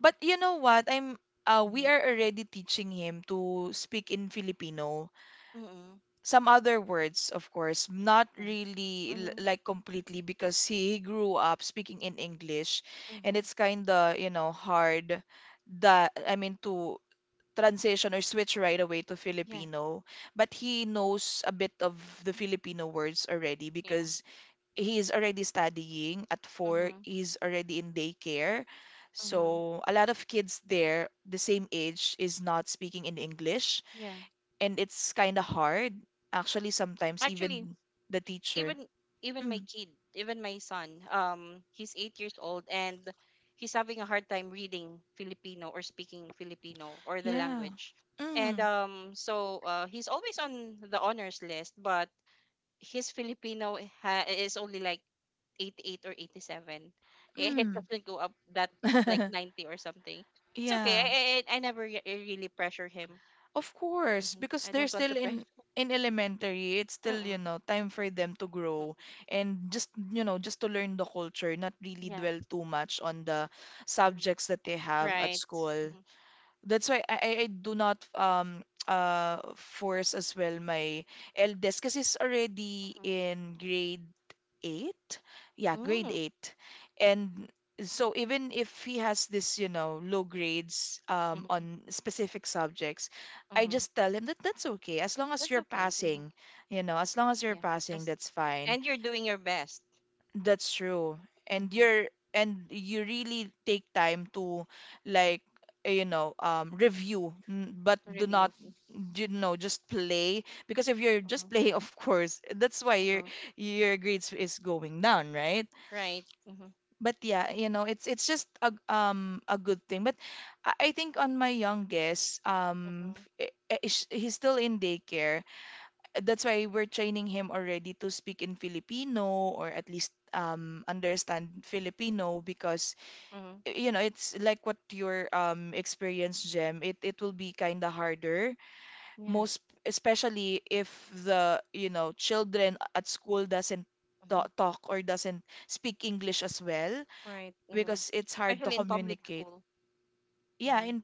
A: But you know what? I'm uh, we
B: Mm-hmm.
A: are already teaching him to speak in Filipino.
B: Mm-hmm.
A: Some other words, of course, not
B: Yeah.
A: really l-
B: Mm-hmm.
A: like completely, because he grew up speaking in English, and
B: Mm-hmm.
A: it's kind of, you know, hard that I mean to transition or switch right away to
B: Yeah.
A: Filipino, but he knows a bit of the Filipino words already
B: Yeah.
A: because he's already studying. At four,
B: Mm-hmm.
A: he's already in daycare.
B: Mm-hmm.
A: So a lot of kids there, the same age, is not speaking in English,
B: Yeah.
A: and it's kind of hard. Actually, sometimes
B: Actually,
A: even the teacher.
B: even even my
A: Mm,
B: kid, even my son, um, he's eight years old and he's having a hard time reading Filipino or speaking Filipino or the
A: yeah.
B: language. And
A: Mm,
B: um, so uh, he's always on the honors list, but his Filipino ha- is only like eighty-eight or eighty-seven. It
A: mm.
B: doesn't go up that like ninety or something. It's okay.
A: Yeah.
B: I, I, I never re- really pressure him.
A: Of course,
B: Hmm
A: because
B: I
A: they're
B: don't want to
A: still in
B: pressure.
A: in elementary, it's still, you
B: Mm-mm.
A: know, time for them to grow
B: Mm-mm.
A: and just, you know, just to learn the culture, not really
B: Yeah.
A: dwell too much on the
B: Mm-hmm.
A: subjects that they have at
B: Right.
A: school. That's why I, I I do not um uh force as well my eldest, because he's already
B: Mm-hmm.
A: in grade eight. Yeah, grade
B: Mm,
A: eight. And so even if he has this, you know, low grades um,
B: mm-hmm,
A: on specific subjects, I
B: mm-hmm.
A: just tell him that that's okay. As long as
B: That's
A: you're
B: okay. Mm-hmm.
A: passing, you know, as long as you're
B: Yeah.
A: passing,
B: As,
A: that's fine.
B: and you're doing your best.
A: That's true. And
B: Mm-hmm.
A: you're and you really take time to, like, eh, you know, um, review n- but
B: To
A: do not,
B: review.
A: you know, just play, because if you're
B: Mm-hmm,
A: just playing, of course that's why your
B: mm-hmm.
A: your grades is going down, right?
B: Right. Mm-hmm,
A: But yeah, you know, it's it's just a um, a good thing. But I I think on my youngest, um,
B: mm-hmm,
A: f- eh, eh, sh- he's still in daycare. That's why we're training him already to speak in Filipino or at least um, understand Filipino, because
B: mm-hmm.
A: eh, you know, it's like what your um, experience, Gem. It it will be kind of harder,
B: Yeah.
A: most especially if the, you know, children at school doesn't ta-
B: Mm-hmm.
A: talk or doesn't speak English as well,
B: Right. Mm-hmm.
A: because it's hard to
B: Especially in public
A: communicate.
B: school.
A: Yeah,
B: Mm-hmm,
A: in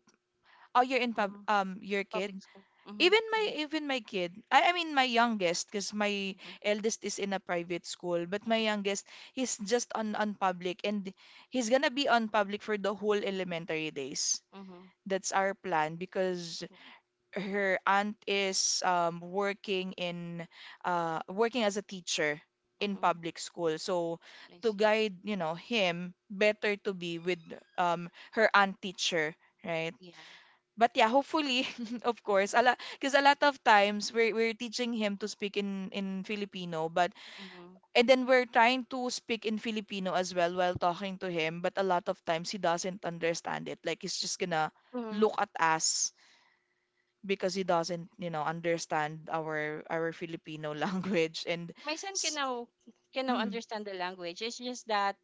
A: oh, you're in pub
B: mm-hmm.
A: um your
B: Public
A: kid.
B: school. Mm-hmm.
A: Even my
B: Yeah.
A: even my kid. I, I mean my youngest, because my
B: Mm-hmm,
A: eldest is in a private school, but my
B: mm-hmm,
A: youngest he's just on on public, and he's gonna be on public for the whole elementary days.
B: mm-hmm.
A: That's our plan, because
B: Yeah.
A: her aunt is um, working in uh, working as a teacher in
B: Mm-hmm.
A: public school. So
B: I
A: to
B: see.
A: guide, you know, him, better to be with um, her aunt teacher, right?
B: Yeah.
A: But yeah, hopefully, of course, a lot, because a lot of times we're, we're teaching him to speak in, in Filipino, but
B: Mm-hmm.
A: and then we're trying to speak in Filipino as well while talking to him, but a lot of times he doesn't understand it. Like he's just gonna
B: Mm-hmm.
A: look at us because he doesn't, you know, understand our our Filipino language and
B: My son can
A: s-
B: now can now
A: mm,
B: understand the language. It's just that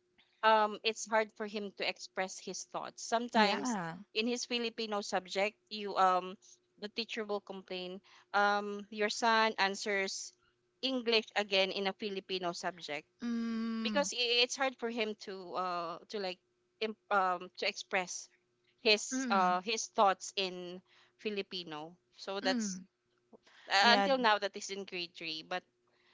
B: um it's hard for him to express his thoughts. Sometimes
A: yeah.
B: in his Filipino subject, you um the teacher will complain, um, your son answers English again in a Filipino subject
A: Mm,
B: because i- it's hard for him to uh to like im- um to express his
A: mm,
B: uh his thoughts in Filipino. So that's
A: mm.
B: uh,
A: Yeah,
B: until now that is in grade three, but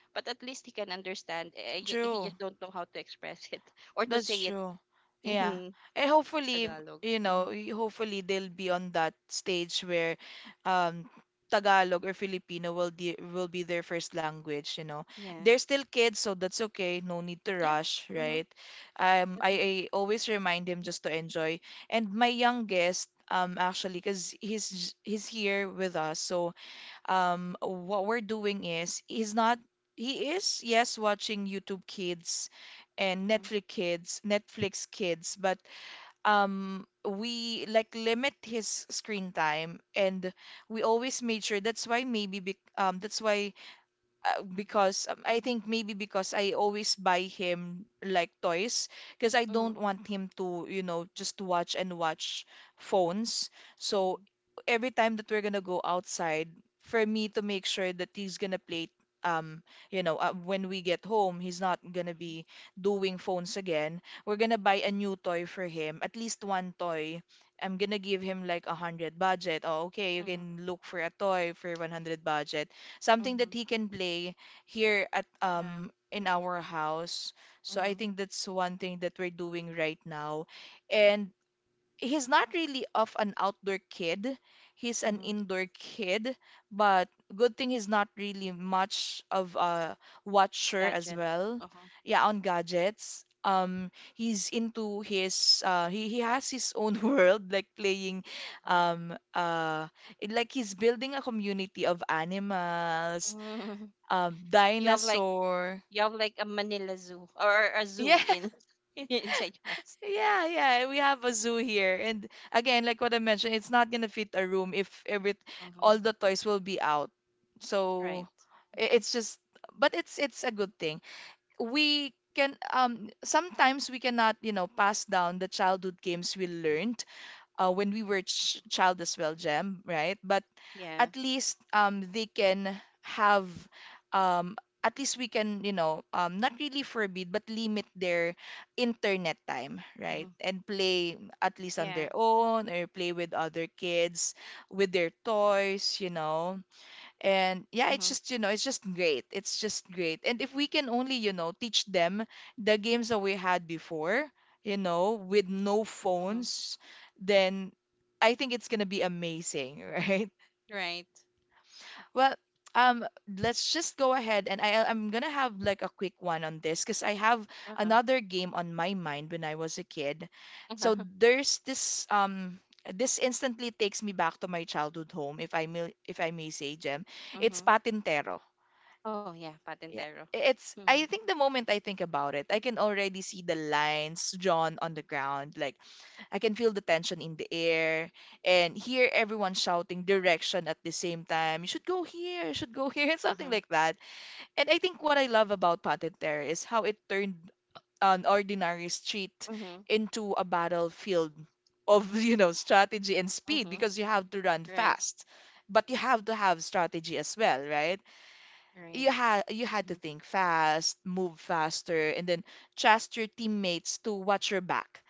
B: but at least he can understand. Eh, ju- He
A: true.
B: just don't know how to express it or to
A: That's
B: say it
A: true. Yeah.
B: in
A: And hopefully,
B: Tagalog.
A: you
B: Hmm
A: know, y- hopefully they'll be on that stage where um, Tagalog or Filipino will de will be their first language, you know.
B: Yeah.
A: They're still kids, so that's okay. No need to
B: Yeah.
A: rush,
B: Mm-hmm.
A: right? Um, I,
B: Definitely.
A: I always remind him just to enjoy. And my youngest, um, actually, because he's j- he's here with us, so um, what we're doing is he's not he is yes watching YouTube Kids and
B: Mm-hmm.
A: Netflix Kids, Netflix Kids, but um, we like limit his screen time, and we always made sure that's why maybe bec- um that's why uh, because um, I think maybe because I always buy him like toys because I
B: Mm-hmm.
A: don't want him to, you know, just watch and watch phones. So
B: Mm-hmm.
A: every time that we're gonna go outside, for me to make sure that he's gonna play, um, you know, uh, when we get home, he's not gonna
B: Mm-hmm.
A: be doing phones again. We're gonna buy a
B: Mm-hmm.
A: new toy for him, at least one toy. I'm gonna give him like a hundred budget. Oh, okay, you
B: Mm-hmm.
A: can look for a toy for one hundred budget, something that
B: Mm-hmm.
A: he can play here at
B: Yeah.
A: um, in our house. So
B: Mm-hmm.
A: I think that's one thing that we're doing right now. And he's not really of an outdoor kid. He's an
B: Mm-hmm.
A: indoor kid, but good thing he's not really much of a watcher
B: Gadget.
A: as well.
B: Uh-huh.
A: Yeah, on gadgets. Um, he's into his uh, he he has his own world, like playing,
B: Uh-huh.
A: um, uh, it- like he's building a community of animals,
B: Mm.
A: um,
B: You have like
A: dinosaur.
B: you have like a Manila Zoo or a zoo
A: Yeah.
B: in inside your house.
A: Yeah, yeah, we have a zoo here. And again, like what I mentioned, it's not gonna fit a room if every all
B: Mm-hmm.
A: the toys will be out. So
B: Right.
A: i- it's just but it's it's a good thing. We can um, sometimes we cannot, you know, pass down the childhood games we
B: Mm-hmm.
A: learned uh, when we were ch child as well, Jem, right? But
B: Yeah.
A: at least um, they can have um, at least we can, you know, um, not really forbid but limit their internet time, right,
B: Mm-hmm.
A: and play at least on their
B: Yeah.
A: own or play with other kids with their toys, you know. And yeah, it's
B: Mm-hmm.
A: just, you know, it's just great, it's just great, and if we can only, you know, teach them the games that we had before, you know, with no
B: Mm-hmm.
A: phones, then I think it's gonna be amazing, right?
B: Right.
A: Well, um, let's just go ahead and I I'm gonna have like a quick one on this because I have
B: Uh-huh.
A: another game on my mind when I was a kid. So
B: Uh-huh.
A: there's this um, this instantly takes me back to my childhood home, if I may, if I may say, Jem. It's
B: Mm-hmm.
A: Patintero.
B: Oh, yeah,
A: Yeah.
B: patentero.
A: I- It's,
B: Mm,
A: I think, the moment I think about it, I can already see the lines drawn on the ground. Like, I can feel the tension in the air and hear everyone shouting direction at the same time. You should go here, you should go here, something
B: uh-huh,
A: like that. And I think what I love about Patintero is how it turned an ordinary street
B: mm-hmm,
A: into a battlefield of, you know, strategy and speed,
B: mm-hmm.
A: because you have to run
B: Right,
A: fast. But you have to have strategy as well, right?
B: right,
A: You had you
B: mhm,
A: had to think fast, move faster, and then trust your teammates to watch your back.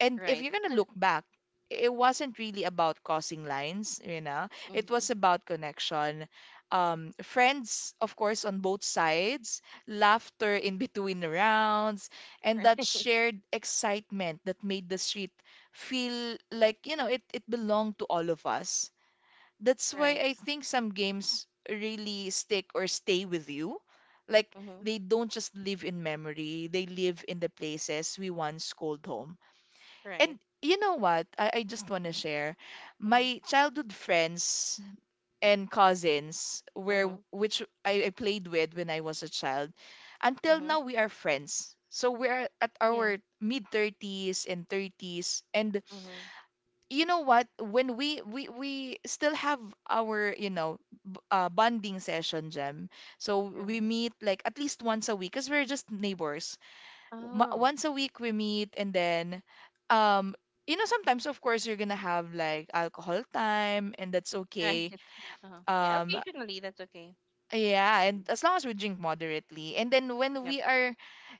A: And if
B: right,
A: you're gonna look back, it wasn't really about crossing lines, you know. It
B: mm-hmm,
A: was about connection. Um, friends, of course, on both sides, laughter in between rounds, and that
B: right,
A: shared excitement that made the street feel like, you know, it, it belonged to all of us. That's why
B: right,
A: I think some games really stick or stay with you. Like,
B: mm-hmm,
A: they don't just live in memory, they live in the places we once called home. And
B: right,
A: you know what? I, I just want to share.
B: mm-hmm,
A: My childhood friends and cousins were
B: mm-hmm,
A: which I, I played with when I was a child. Until
B: mm-hmm.
A: now we are friends. So we're at
B: Yeah,
A: our mid thirties and thirties, and
B: mm-hmm,
A: you know what, when we we we still have our you know b- uh, bonding session, Jem. So
B: yeah.
A: we meet like at least once a week, cuz we're just neighbors. Ma-
B: Oh,
A: once a week we meet, and then, um you know, sometimes, of course, you're gonna have like alcohol time, and that's
B: right.
A: okay.
B: Uh-huh. Yeah,
A: um
B: occasionally, that's okay.
A: yeah, and
B: Mhm.
A: as long as we drink moderately, and then
B: Yep,
A: when we are,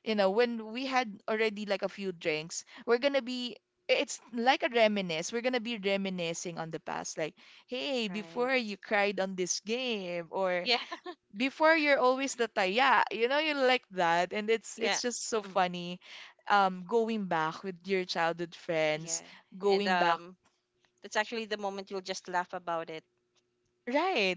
A: you know, when we had already like a few drinks, we're gonna be, it's like a reminisce, we're gonna be reminiscing on the past. Like, hey, before
B: right.
A: you cried on this game, or
B: Yeah,
A: before you're always the taya, you know, you like that, and it's
B: yeah,
A: it's just so
B: mm
A: funny. Um going back with your childhood
B: yeah.
A: friends,
B: And
A: going back,
B: um, that's actually the moment you'll just laugh about it.
A: right,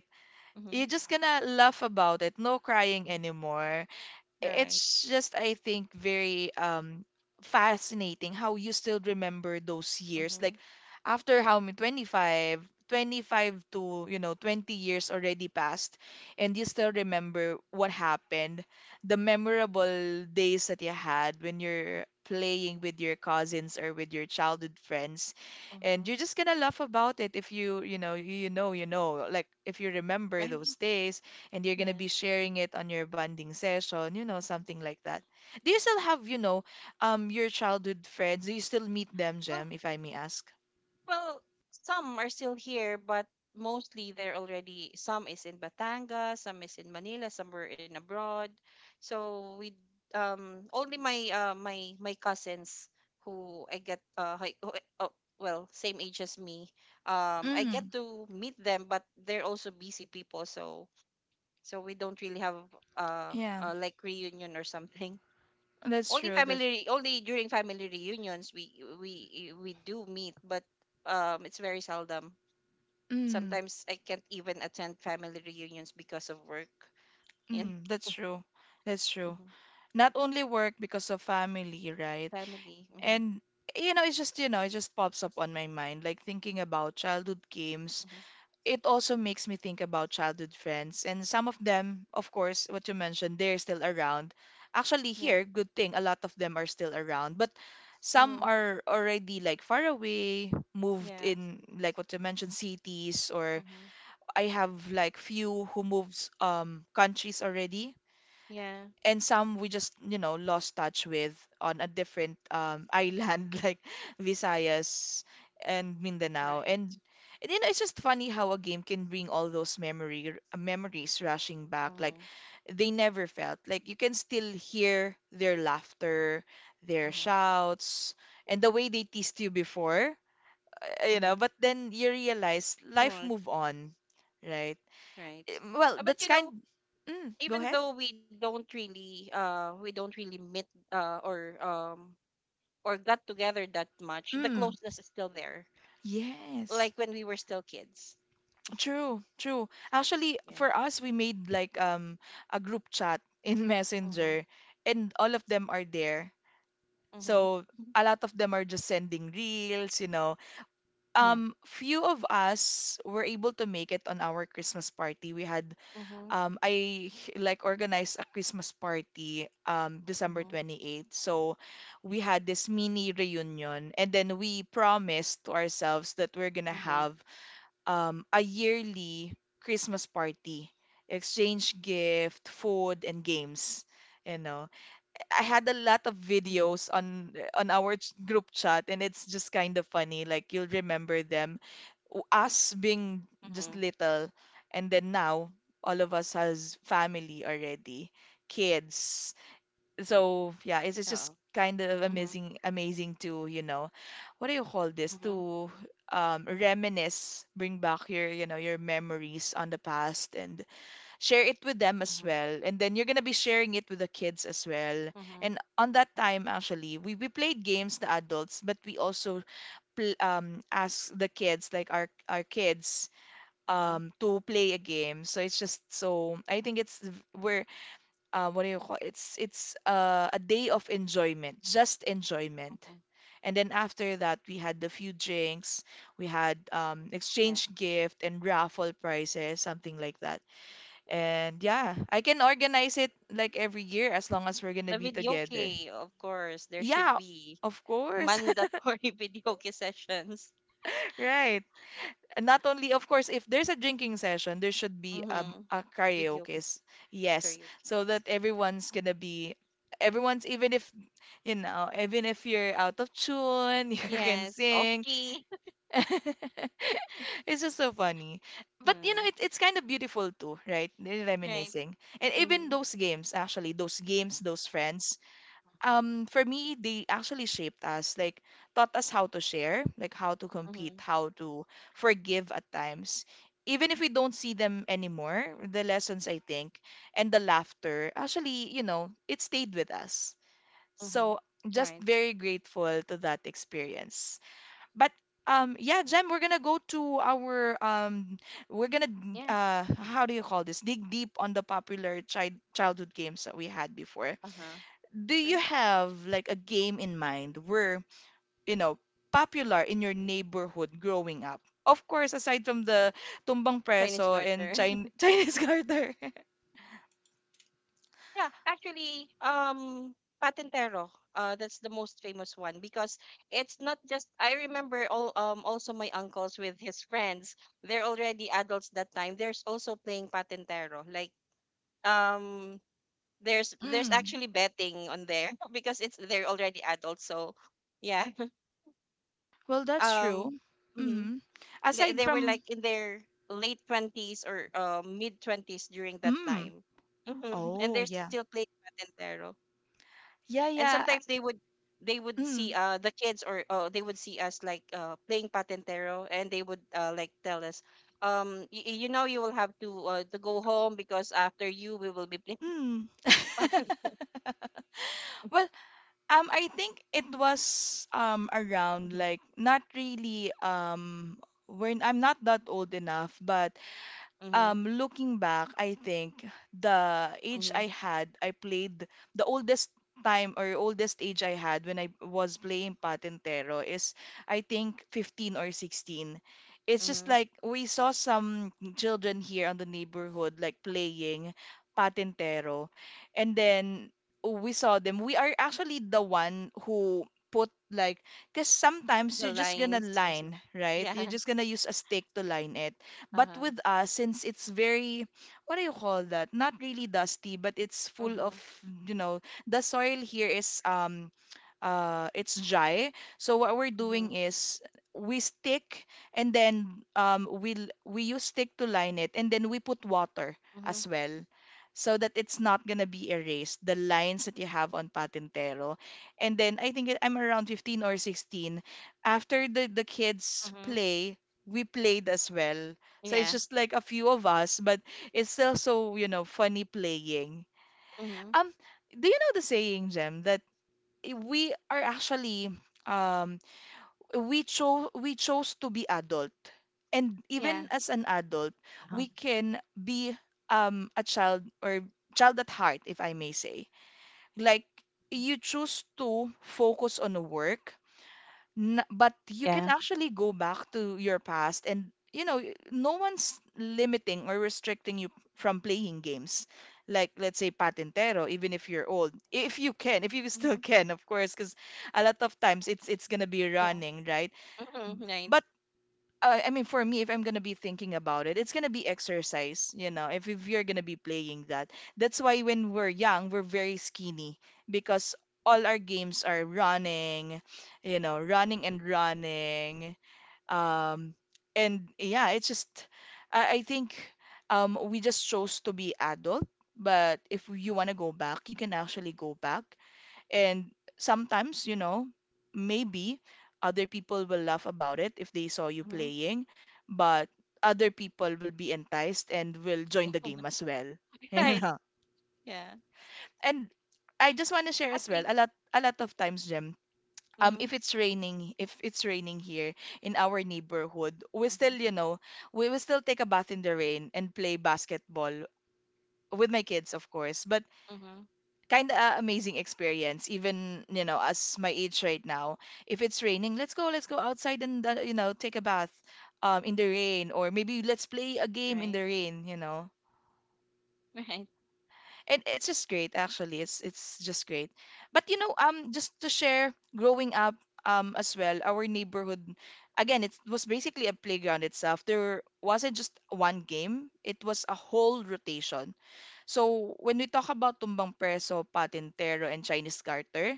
B: Mm-hmm,
A: you're just gonna laugh about it, no crying
B: mm-hmm.
A: anymore.
B: Right.
A: It's just, I think, very um fascinating how you still remember those years, like
B: Mm-hmm,
A: after how many twenty five, twenty five to, you know, twenty years already passed, and you still remember what happened, the memorable days that you had when you're playing with your cousins or with your childhood friends. And you're
B: mm-hmm.
A: just gonna laugh about it if you, you know you know you know like, if you remember
B: Right.
A: those days, and you're gonna
B: Yeah.
A: be sharing it on your bonding session, you know, something like that. Do you still have, you know, um, your childhood friends? Do you still meet them,
B: Well,
A: Jem, if I may ask?
B: Well, some are still here, but mostly they're already. Some is in Batangas, some is in Manila, some were in abroad. So we um only my uh my my cousins who I get uh hi- who I- oh, well same age as me. Um, I get
A: Mm,
B: to meet them, but they're also busy people. So so we don't really have uh, uh
A: yeah,
B: like reunion or something
A: that's
B: only
A: true.
B: family
A: That's,
B: re- only during family reunions we we we do meet but um it's very seldom
A: mm.
B: sometimes I can't even attend family reunions because of work. You know
A: Mm, that's true. That's
B: Mhm.
A: true. Not only work, because of family, right?
B: Family, mm-hmm.
A: And you know, it's just, you know, it just pops up on my mind, like thinking about childhood games.
B: hmm
A: It also makes me think about childhood friends, and some of them, of course, what you mentioned, they're still around, actually
B: Yeah,
A: here. Good thing a lot of them are still around, but some
B: mm-hmm.
A: are already like far away, moved
B: Yeah,
A: in, like what you mentioned, cities. Or
B: mm-hmm.
A: I have like few who moves um countries already.
B: Yeah,
A: And some we just, you know, lost touch with, on a different um island, like Visayas and Mindanao.
B: right,
A: And and, you know, it's just funny how a game can bring all those memory uh, memories rushing back. Like,
B: mm-hmm.
A: they never felt, like you can still hear their laughter, their
B: Mm-hmm.
A: shouts, and the way they teased you before. Uh, you
B: Mm-hmm.
A: know, but then you realize life
B: Right,
A: move on. Right.
B: right.
A: Eh, well,
B: Uh, but
A: that's
B: you know
A: kind. Mm, go
B: even
A: ahead.
B: though we don't really uh we don't really meet uh or um or got together that much the
A: Mm,
B: closeness is still there
A: yes.
B: like when we were still kids.
A: True, true. Actually,
B: Yeah.
A: for us, we made like um a group chat in
B: Mm-hmm.
A: Messenger, and all of them are there. So
B: Mm-hmm.
A: a lot of them are just sending reels, you know.
B: Yeah.
A: Um, few of us were able to make it on our Christmas party. We had
B: Mm-hmm.
A: um I h- like organized a Christmas party um
B: Mm-hmm.
A: December twenty-eighth. So we had this mini reunion, and then we promised to ourselves that we're gonna
B: Mm-hmm.
A: have um, a yearly Christmas party, exchange gift, food, and games. You know, I had a lot of
B: Mm-hmm.
A: videos on on our ch- group chat, and it's just kind of funny. Like, you'll remember them, W- us being just
B: Mm-hmm.
A: little, and then now all of us has family already, kids. So yeah, it's, it's
B: Uh-oh.
A: just kind of
B: Mm-hmm.
A: amazing, amazing to, you know, what do you call this?
B: Mm-hmm.
A: To um, reminisce, bring back your, you know, your memories on the past, and share it with them as
B: Mm-hmm.
A: well. And then you're gonna be sharing it with the kids as well.
B: Mm-hmm.
A: And on that time, actually, we, we played games, the adults, but we also pl um ask the kids, like our our kids,
B: Uh-huh.
A: um to play a game. So it's just, so I think it's v- we're uh, what do you call, it's it's uh, a day of enjoyment, just enjoyment.
B: Mm-hmm.
A: And then after that, we had the few drinks, we had um,
B: Yeah.
A: exchange gift and raffle prizes, something like that. And yeah, I can organize it like every year, as long as we're
B: The
A: gonna be
B: video
A: together.
B: key, of course, there should
A: Yeah,
B: be
A: of course.
B: mandatory video key sessions.
A: Right. And not only, of course, if there's a drinking session, there should be um
B: Mm-hmm.
A: a
B: Video
A: karaoke.
B: key-
A: Yes,
B: karaoke.
A: so that everyone's gonna be, everyone's, even if, you know even if you're out of tune, you can
B: Yes.
A: sing.
B: Okay.
A: It's just so funny. But you know,
B: Mm-hmm.
A: it, it's kind of beautiful too, right? They're
B: Right.
A: reminiscing. And even
B: Mm-hmm.
A: those games, actually, those games, those friends,
B: Mm-hmm.
A: um for me, they actually shaped us. Like, taught us how to share, like how to compete,
B: Mm-hmm.
A: how to forgive at times, even if we don't see them anymore. The lessons, I think, and the laughter, actually, you know, it stayed with us.
B: Mm-hmm.
A: So, just
B: Right.
A: very grateful to that experience. But um yeah, Jem, we're gonna go to our, um we're gonna
B: Yeah.
A: uh how do you call this, dig deep on the popular child childhood games that we had before.
B: Uh-huh.
A: Do
B: Sure.
A: you have like a game in mind where, you know, popular in your neighborhood growing up? Of course, aside from the tumbang preso
B: Chinese
A: and
B: garter.
A: Chin Chinese garter.
B: Yeah, actually, um, Patentero, uh, that's the most famous one because it's not just I remember all um also my uncles with his friends. They're already adults that time. There's also playing Patentero. Like um there's there's actually
A: Mm.
B: betting on there because it's they're already adults. So yeah.
A: Well, that's
B: Um
A: true.
B: mhm.
A: Mm.
B: they,
A: Aside
B: they were
A: from,
B: like in their late twenties or uh, mid twenties during that
A: mm.
B: time. Mhm. And
A: Oh,
B: they're still
A: yeah.
B: playing Patentero.
A: Yeah,
B: And
A: yeah. I-
B: sometimes they would they would see
A: Mm.
B: uh the kids or uh, they would see us like uh playing patentero and they would uh like tell us um y- y- you know you will have to uh, to go home because after you we will be playing
A: Mm. Well, um, I think it was um around,
B: patentero.
A: like, not really, um when I'm not that old enough, but,
B: Mm-hmm,
A: um, looking back, I think the age
B: mm-hmm,
A: I had, I played the oldest time, or oldest age I had when I was playing Patentero is, I think, fifteen or sixteen. It's just
B: mm-hmm.
A: like we saw some children here on the neighborhood like playing Patentero, and then we saw them. We are actually the one who put like, because sometimes
B: The
A: you're just gonna
B: lines or something.
A: line, right? You're
B: Yeah.
A: just gonna use a stick to line it, but
B: Uh-huh.
A: with us, since it's very, what do you call that? Not really dusty, but it's full of,
B: Mm-hmm,
A: you know, the soil here is um uh it's dry. So what we're
B: mm-hmm,
A: doing is we stick, and then um we will we use stick to line it, and then we put water
B: mm-hmm,
A: as well, so that it's not gonna be erased, the lines that you have on Patintero. And then I think it- I'm around fifteen or sixteen. After the, the kids
B: mm-hmm.
A: play, we played as well. So it's
B: Yeah,
A: just like a few of us, but it's still so, you know, funny playing.
B: mm-hmm,
A: Um, do you know the saying, Jem, that i- we are actually um we chose we chose to be adult. And
B: yeah,
A: even as an adult,
B: uh-huh.
A: we can be um a child, or child at heart, if I may say. Like,
B: Mm,
A: you choose to focus on work, N- but you
B: yeah,
A: can actually go back to your past, and you know, y- no one's limiting or restricting you from playing games, like let's say patintero, even if you're old, if you can, if you
B: mm-hmm,
A: still can, of course, because a lot of times it's it's gonna be
B: yeah,
A: running, right?
B: mm-hmm, right,
A: But uh, I mean, for me, if I'm gonna be thinking about it, it's gonna be exercise, you know, if, if you're gonna be playing that. That's why when we're young, we're very skinny, because all our games are running, you know, running and running. Um, and yeah, it's just, I, I think, um, we just chose to be adult, but if you wanna go back, you can actually go back. And sometimes, you know, maybe other people will laugh about it if they saw you
B: mm-hmm,
A: playing, but other people will be enticed and will
B: yeah,
A: join the game as well.
B: right,
A: You know?
B: yeah,
A: And I just want to share
B: actually,
A: as well, a lot a lot of times, Jem,
B: mm-hmm,
A: um if it's raining, if it's raining here in our neighborhood, we
B: mm-hmm,
A: still, you know, we will still take a bath in the rain and play basketball with my kids, of course. But
B: mm-hmm.
A: kind of uh, amazing experience even, you know, as my age right now, if it's raining, let's go, let's go outside and uh, you know, take a bath um in the rain, or maybe let's play a game in the
B: Right.
A: rain, you know.
B: Right.
A: And it's just great, actually, it's it's just great. But you know, um just to share, growing up, um as well, our neighborhood, again, it was basically a playground itself. There wasn't just one game, it was a whole rotation. So when we talk about tumbang preso, patintero, and Chinese garter,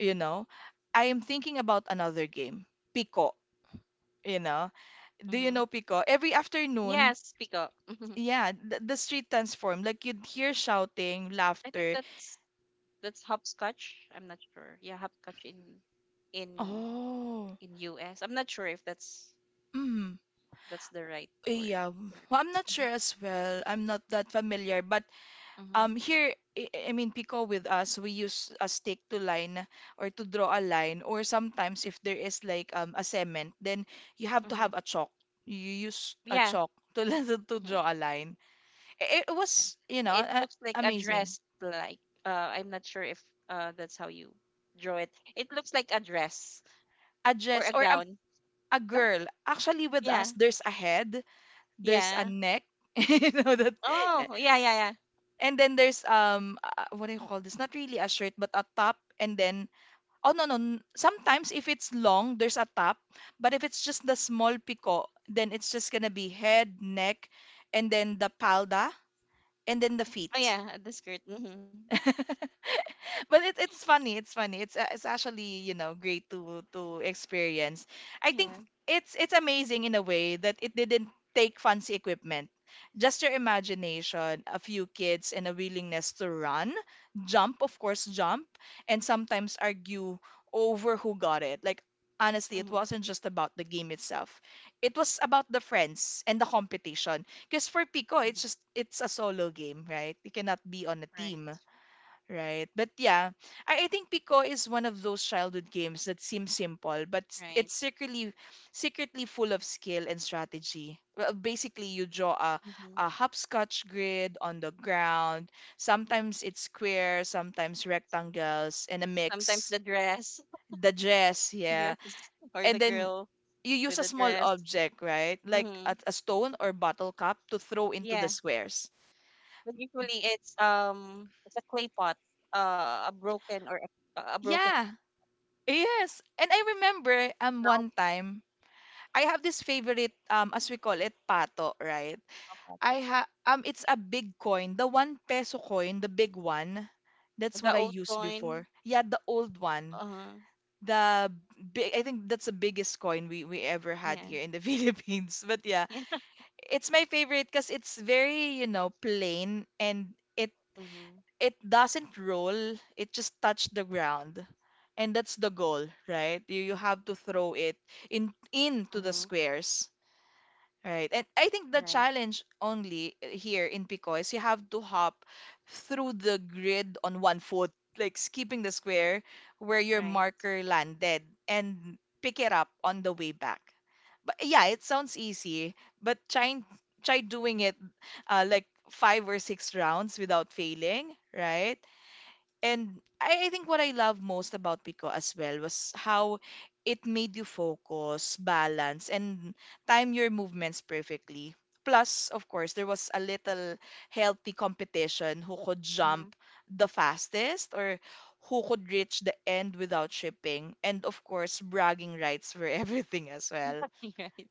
A: you know, I am thinking about another game, Pico, you know. Do you
B: Mm-hmm.
A: know Pico? Every afternoon,
B: Yes, peacock.
A: yeah, the, the street transformed. Like, you'd hear shouting,
B: I think
A: laughter.
B: that's that's hopscotch. I'm not sure. Yeah, hopscotch in in
A: Oh,
B: in U S. I'm not sure if that's
A: mm,
B: that's the right word
A: eh, yeah.
B: or
A: Well, I'm not
B: Mhm.
A: sure as well. I'm not that familiar, but
B: Mhm.
A: um, here, I I mean, Pico with us, we use a stick to line or to draw a line, or sometimes if there is like um a cement, then you have to
B: Mhm.
A: have a chalk. You use a
B: Yeah.
A: chalk to to
B: Mhm.
A: draw a line. it it
B: Yeah.
A: was, you know,
B: It
A: uh,
B: looks like a
A: amazing.
B: dress like uh I'm not sure if uh that's how you draw it. It looks like a dress
A: A
B: or
A: dress
B: a
A: or, um,
B: gown.
A: a
B: Oh,
A: girl, actually. With us,
B: yeah.
A: there's a head, there's a
B: Yeah.
A: neck, you know, that.
B: Oh, yeah, yeah, yeah.
A: And then there's um uh, what do you call this, not really a shirt but a top. And then oh no no n- sometimes if it's long there's a top, but if it's just the small pico, then it's just gonna be head, neck, and then the palda, and then the
B: Oh
A: feet.
B: yeah, the skirt. Mhm.
A: But it's it's funny, it's funny, it's a- it's actually, you know, great to to experience, I think.
B: Yeah.
A: It's it's amazing in a way that it didn't take fancy equipment, just your imagination, a few kids, and a willingness to run, jump, of course, jump, and sometimes argue over who got it. Like, honestly, it wasn't just about the game itself, it was about the friends and the competition. Because for pico,
B: Mhm.
A: it's just it's a solo game, right? You cannot be on a team.
B: Right,
A: Right. But yeah, I, I think Pico is one of those childhood games that seem simple, but s-
B: right.
A: it's secretly, secretly full of skill and strategy. Well, basically, you draw a,
B: hmm
A: a hopscotch grid on the ground. Sometimes it's square, sometimes rectangles, and a
B: Sometimes
A: mix.
B: the dress,
A: The dress, yeah.
B: dress, or the
A: And then
B: girl
A: you
B: with
A: use a
B: the
A: small
B: dress.
A: object, right? Like
B: Hmm
A: a, a stone or bottle cap to throw into the
B: Yeah,
A: squares.
B: but usually it's um it's a clay pot, uh, a broken or a, a broken
A: Yeah. Yes. And I remember um
B: round
A: one time I have this favorite, um as we call it, pato, right?
B: pot.
A: I ha um it's a big coin, the one peso coin, the big one. That's
B: The
A: what I
B: old
A: used
B: coin.
A: before. Yeah, the old one.
B: Uh,
A: The big, I think that's the biggest coin we we ever had
B: yeah,
A: here in the Philippines. But yeah,
B: yeah.
A: it's my favorite because it's very, you know, plain, and it
B: Mm-hmm.
A: it doesn't roll. It just touched the ground. And that's the goal, right? You you have to throw it in into the
B: Mm-hmm.
A: squares. Right. And I think the
B: Right,
A: challenge only uh, here in Pico is you have to hop through the grid on one foot, like skipping the square where your
B: right.
A: marker landed, and pick it up on the way back. But yeah, it sounds easy, but try, try doing it uh, like five or six rounds without failing, right? And I, I think what I love most about Pico as well was how it made you focus, balance, and time your movements perfectly. Plus, of course, there was a little healthy competition, who could
B: Mm-hmm.
A: jump the fastest, or who could reach the end without tripping. And of course, bragging rights for everything as well.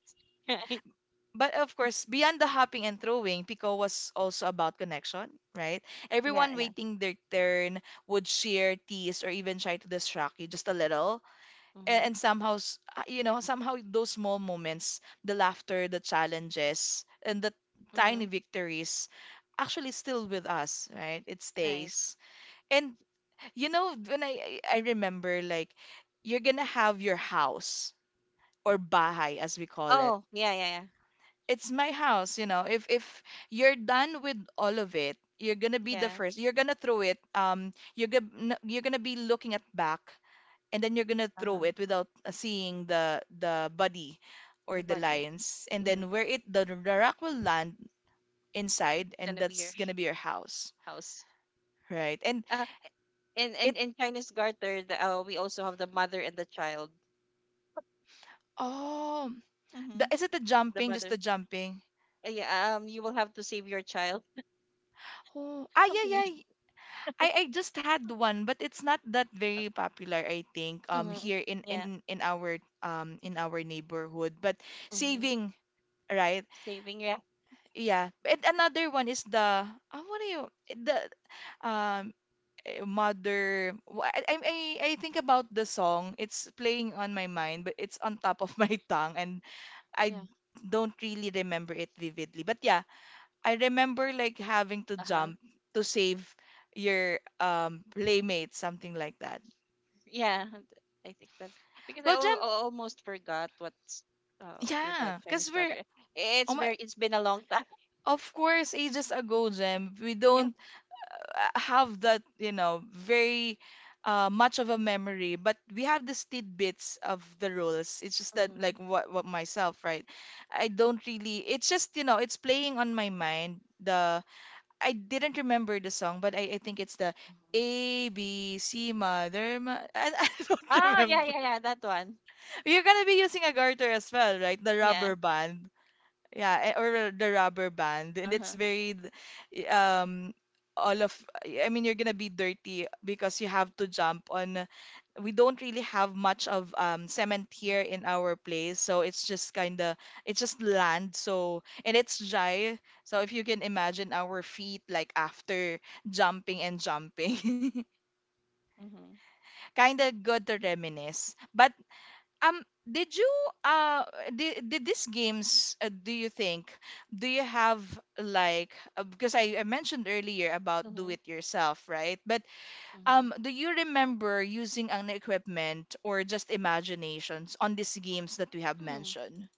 B: Right, right.
A: But of course, beyond the hopping and throwing, Pico was also about connection, right?
B: Yeah,
A: Everyone
B: yeah.
A: waiting their turn would share, tease, or even try to distract you just a little. And,
B: Mm-hmm.
A: and somehow, s- uh, you know, somehow those small moments, the laughter, the challenges, and the tiny
B: Mm-hmm.
A: victories, actually still with us, right? It
B: Right.
A: stays. And, you know, when I, I I remember, like, you're gonna have your house, or bahay, as we call it,
B: Oh, yeah, yeah, yeah.
A: it's my house, you know. If if you're done with all of it, you're gonna be the
B: Yeah.
A: first. You're gonna throw it. Um, you're gonna, you're gonna be looking at back, and then you're gonna throw
B: Uh-huh.
A: it without uh, seeing the the body
B: The
A: or the
B: body.
A: lions, and
B: Mm-hmm.
A: then where it the, the rock will land inside,
B: It's
A: and
B: gonna be
A: that's
B: your
A: gonna
B: sh-
A: be your house,
B: house.
A: right? And
B: Uh, in,
A: it
B: in in Chinese garter, the, uh, we also have the mother and the child.
A: oh, the,
B: Mm-hmm.
A: is it the
B: The
A: jumping? Just
B: mother,
A: the jumping?
B: uh, yeah, um, you will have to save your child,
A: Oh, ah, yeah,
B: something
A: yeah.
B: like
A: I I just had one, but it's not that
B: that.
A: very popular, I think, um
B: Mm-hmm.
A: here in
B: Yeah.
A: in in our um in our neighborhood. But
B: Mm-hmm.
A: saving, right?
B: Saving, yeah,
A: Yeah. And another one is the uh, what do you, the um eh, mother wh- I, I I I think about the song. It's playing on my mind, but it's on top of my tongue, and I
B: yeah.
A: don't really remember it vividly. But yeah, I remember like having to
B: Uh huh.
A: jump to save your um playmate, something like that.
B: Yeah, and I think that's because I
A: Well,
B: al-
A: Jem,
B: al- almost forgot what's uh with the
A: yeah,
B: Chinese
A: because we're,
B: garter. It's
A: oh my,
B: very, it's been a long time.
A: of course, ages ago, Jem, we
B: Yeah.
A: don't uh, have that, you know, very uh, much of a memory, but we have these tidbits of the rules. It's just that,
B: Mm-hmm.
A: like, what what myself, right? I don't really. It's just, you know, it's playing on my mind. The I didn't remember the song, but I, I think it's the
B: Mm-hmm.
A: A B C Mother. Ma- I, I don't
B: Ah, yeah,
A: remember.
B: yeah, yeah. That one.
A: You're gonna be using a garter as well, right? The rubber
B: Yeah.
A: band. Yeah, eh, or the rubber band. And
B: Uh
A: it's
B: huh.
A: very, d- um, all of, I mean, you're gonna be dirty because you have to jump on. We don't really have much of, um, cement here
B: Mm-hmm.
A: in our place, so it's just kind of, it's just land. So, and it's dry. So if you can imagine our feet like after jumping and jumping,
B: Mm-hmm.
A: kind of good to reminisce. But um, did you uh did, did these games, uh, do you think, do you have like, uh, because I, I mentioned earlier about do
B: Mm-hmm.
A: it yourself, right? But
B: Mm-hmm.
A: um do you remember using an equipment or just imaginations on these games that we have mentioned?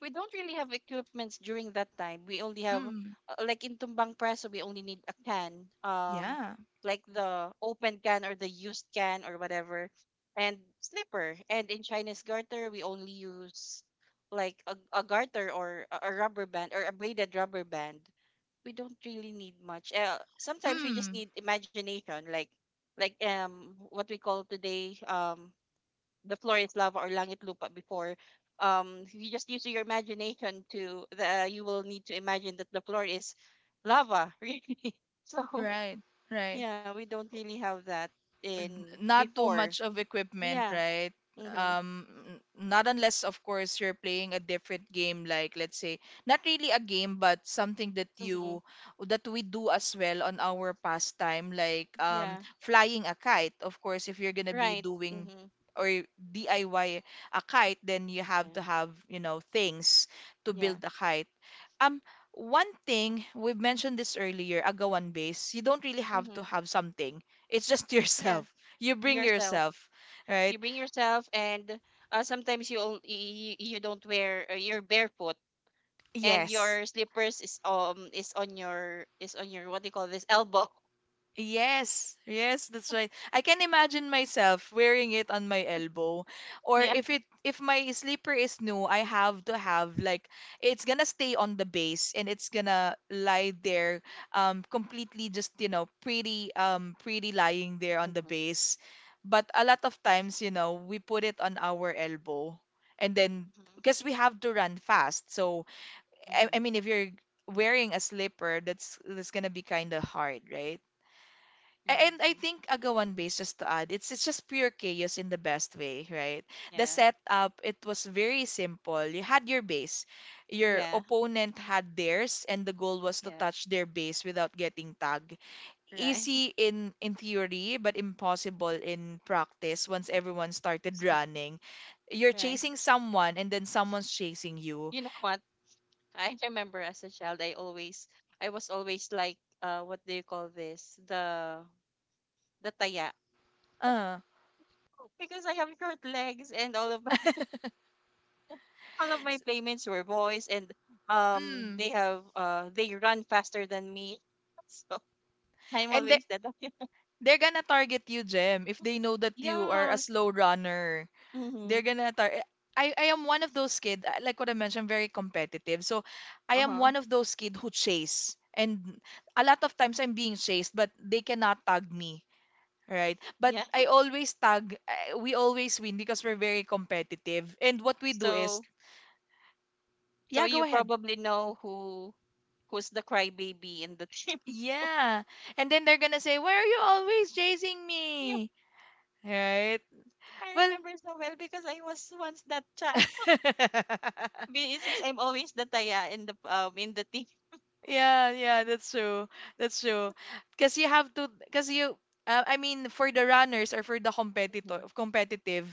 B: We don't really have equipments during that time. We only have
A: Mm,
B: uh, like in tumbang preso, we only need a can, um,
A: yeah.
B: like the open can or the used can or whatever, and slipper. And in Chinese garter, we only use like a, a garter or a, a rubber band or a braided rubber band. We don't really need much. Uh, sometimes we just
A: Mm,
B: need imagination, like like um what we call today um the floor is lava or langit lupa before. Um, you just use your imagination to the you will need to imagine that the floor is lava, really. So
A: right, right.
B: yeah, we don't really have that
A: N-
B: in
A: not too
B: before.
A: much of equipment,
B: Yeah.
A: right?
B: Mhm.
A: Um, n- Not unless, of course, you're playing a different game, like let's say, not really a game, but something that
B: Mhm.
A: you, that we do as well on our pastime, like
B: Yeah.
A: um, flying a kite. Of course, if you're gonna be
B: Right.
A: doing
B: Mhm.
A: or D I Y a kite, then you have
B: Yeah.
A: to have, you know, things to
B: Yeah.
A: build a kite. um One thing, we've mentioned this earlier, agawan base, you don't really have to
B: Mhm.
A: have something, it's just
B: Yeah.
A: yourself, you bring
B: Yourself.
A: yourself,
B: You
A: right?
B: bring yourself, and uh, sometimes you, on- you you you don't wear uh, you're barefoot and
A: Yes.
B: your slippers is um is on your is on your what do you call this elbow.
A: Yes, yes, that's right. I can imagine myself wearing it on my elbow. Or
B: Yeah,
A: if it if my slipper is new, I have to have like, it's gonna stay on the base, and it's gonna lie there um completely, just, you know, pretty, um pretty lying there on
B: mm-hmm.
A: the base. But a lot of times, you know, we put it on our elbow, and then,
B: Mm-hmm.
A: because we have to run fast. So I, I
B: Mm-hmm.
A: mean, if you're wearing a slipper, that's that's gonna be kind of hard, right? A- And
B: Mm-hmm.
A: I think agawan base, just to add, it's it's just pure chaos in the best way, right? The
B: Yeah,
A: setup, it was very simple. You had your base, your
B: yeah,
A: opponent had theirs, and the goal was to
B: yeah,
A: touch their base without getting tagged.
B: right.
A: Easy in in theory, but impossible in practice once everyone started running. You're
B: Right,
A: chasing someone, and then someone's chasing you.
B: you know what, I remember as a child I always I was always like uh what do you call this, the the taya
A: Uh,
B: because I have short legs and all of my all of my playmates were boys and um
A: Mm.
B: they have uh they run faster than me. So I'm
A: And they,
B: always the taya.
A: they're gonna target you, Jem, if they know that you
B: Yeah.
A: are a slow runner.
B: Mm-hmm.
A: They're gonna tar- eh, I, I am one of those kids, like what I mentioned, very competitive. So I am
B: Uh-huh.
A: one of those kids who chase. And a lot of times I'm being chased, but they cannot tag me, right?
B: Yeah.
A: But I always tag, eh, we always win because we're very competitive. And what we do is,
B: So so
A: yeah, go
B: you
A: ahead.
B: probably know who who's the crybaby in the team.
A: Yeah. And then they're gonna say, why are you always chasing
B: Yeah,
A: me? Right?
B: I
A: Well,
B: remember so well because I was once that child. Be- Since I'm always the taya in the um in the team.
A: yeah, yeah, that's true. That's true. Because you have to, because you, uh, I mean, for the runners, or for the
B: Mhm,
A: competitor, competitive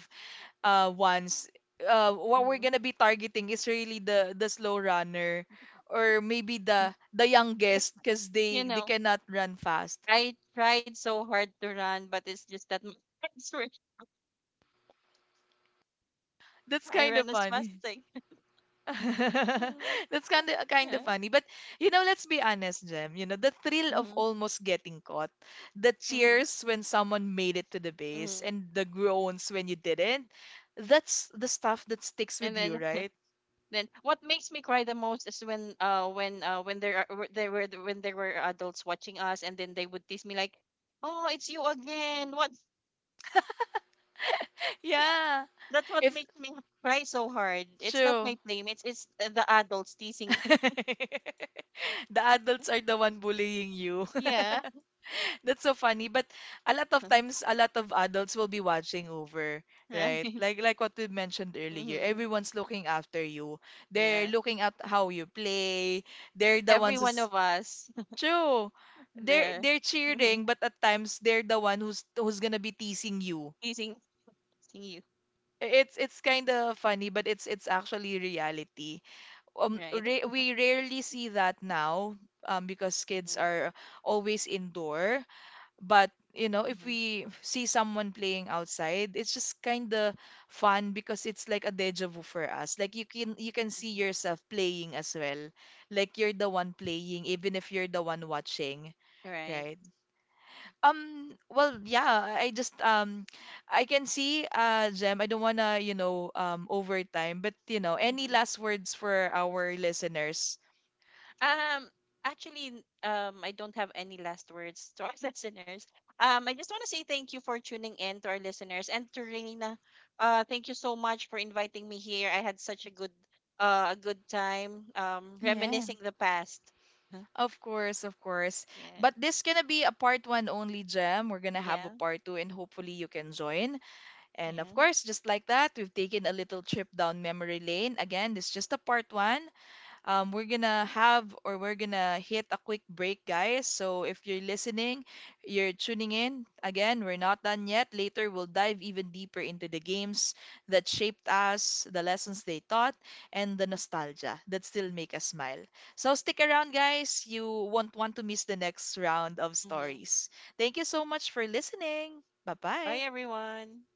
A: uh ones, uh, what we're
B: mhm,
A: gonna be targeting is really the the slow runner, or maybe
B: mhm.
A: the the
B: Yeah.
A: youngest, because
B: You
A: they they
B: know,
A: cannot run fast.
B: I tried so hard to run, but it's just that my legs were
A: That's
B: I
A: kind
B: ran
A: of
B: as fast
A: funny.
B: as I. Mhm.
A: That's kind of, kind
B: Yeah.
A: of funny, but you know, let's be honest, Jem. You know, the thrill of
B: Mm-hmm.
A: almost getting caught, the
B: Mm-hmm.
A: cheers when someone made it to the base,
B: Mm-hmm.
A: and the groans when you didn't. That's the stuff that sticks
B: And
A: with you,
B: then
A: right?
B: Then what makes me cry the most is when uh when uh when there are, they were when there were adults watching us and then they would tease me like, "Oh, it's you again." What? Yeah,
A: Yeah,
B: that's what
A: if
B: makes me cry so hard. It's not
A: true.
B: my playmates, it's uh, the adults teasing me.
A: The adults are the one bullying you.
B: Yeah.
A: That's so funny, but a lot of times, a lot of adults will be watching over, right?
B: Right.
A: Like like what we mentioned earlier,
B: Mm-hmm.
A: everyone's looking after you. They're
B: Yeah.
A: looking at how you play. They're the
B: Every
A: ones
B: one
A: who's
B: of us
A: true. They're
B: there.
A: they're
B: Mm-hmm.
A: cheering, but at times they're the one who's who's gonna be teasing you.
B: Teasing, teasing you.
A: I- It's it's kind of funny, but it's it's actually reality. Um,
B: Right.
A: ra We rarely see that now, um, because kids
B: Mm-hmm.
A: are always indoor. But, you know, if
B: Mm-hmm.
A: we see someone playing outside, it's just kind of fun because it's like a deja vu for us. Like, you can, you can see
B: Mm-hmm.
A: yourself playing as well. Like, you're the one playing even if you're the one watching,
B: Right.
A: right? Um, well, yeah, I I just um I can see, uh, Jem, I don't wanna, you know, um overtime, but you know, any last words for our listeners?
B: Um, actually, n- um, I don't have any last words to our listeners. Um, I just want to say thank you for tuning in to our listeners and to Reina. Uh, thank you so much for inviting me here. I had such a good, uh, a good time. Um, reminiscing the past. Huh?
A: Of course, of course.
B: Yeah,
A: But this gonna be a part one only, Gem. We're gonna have a
B: yeah,
A: part two, and hopefully you can join. And of
B: yeah.
A: course, just like that, we've taken a little trip down memory lane. Again, this is just a part one. Um, we're gonna have, or we're gonna hit a quick break, guys. So if you're listening, you're tuning in, again, we're not done yet. Later, we'll dive even deeper into the games that shaped us, the lessons they taught, and the nostalgia that still make us smile. So stick around, guys. You won't want to miss the next round of
B: Mm-hmm.
A: stories. Thank you so much for listening. Bye
B: Bye,
A: bye.
B: everyone.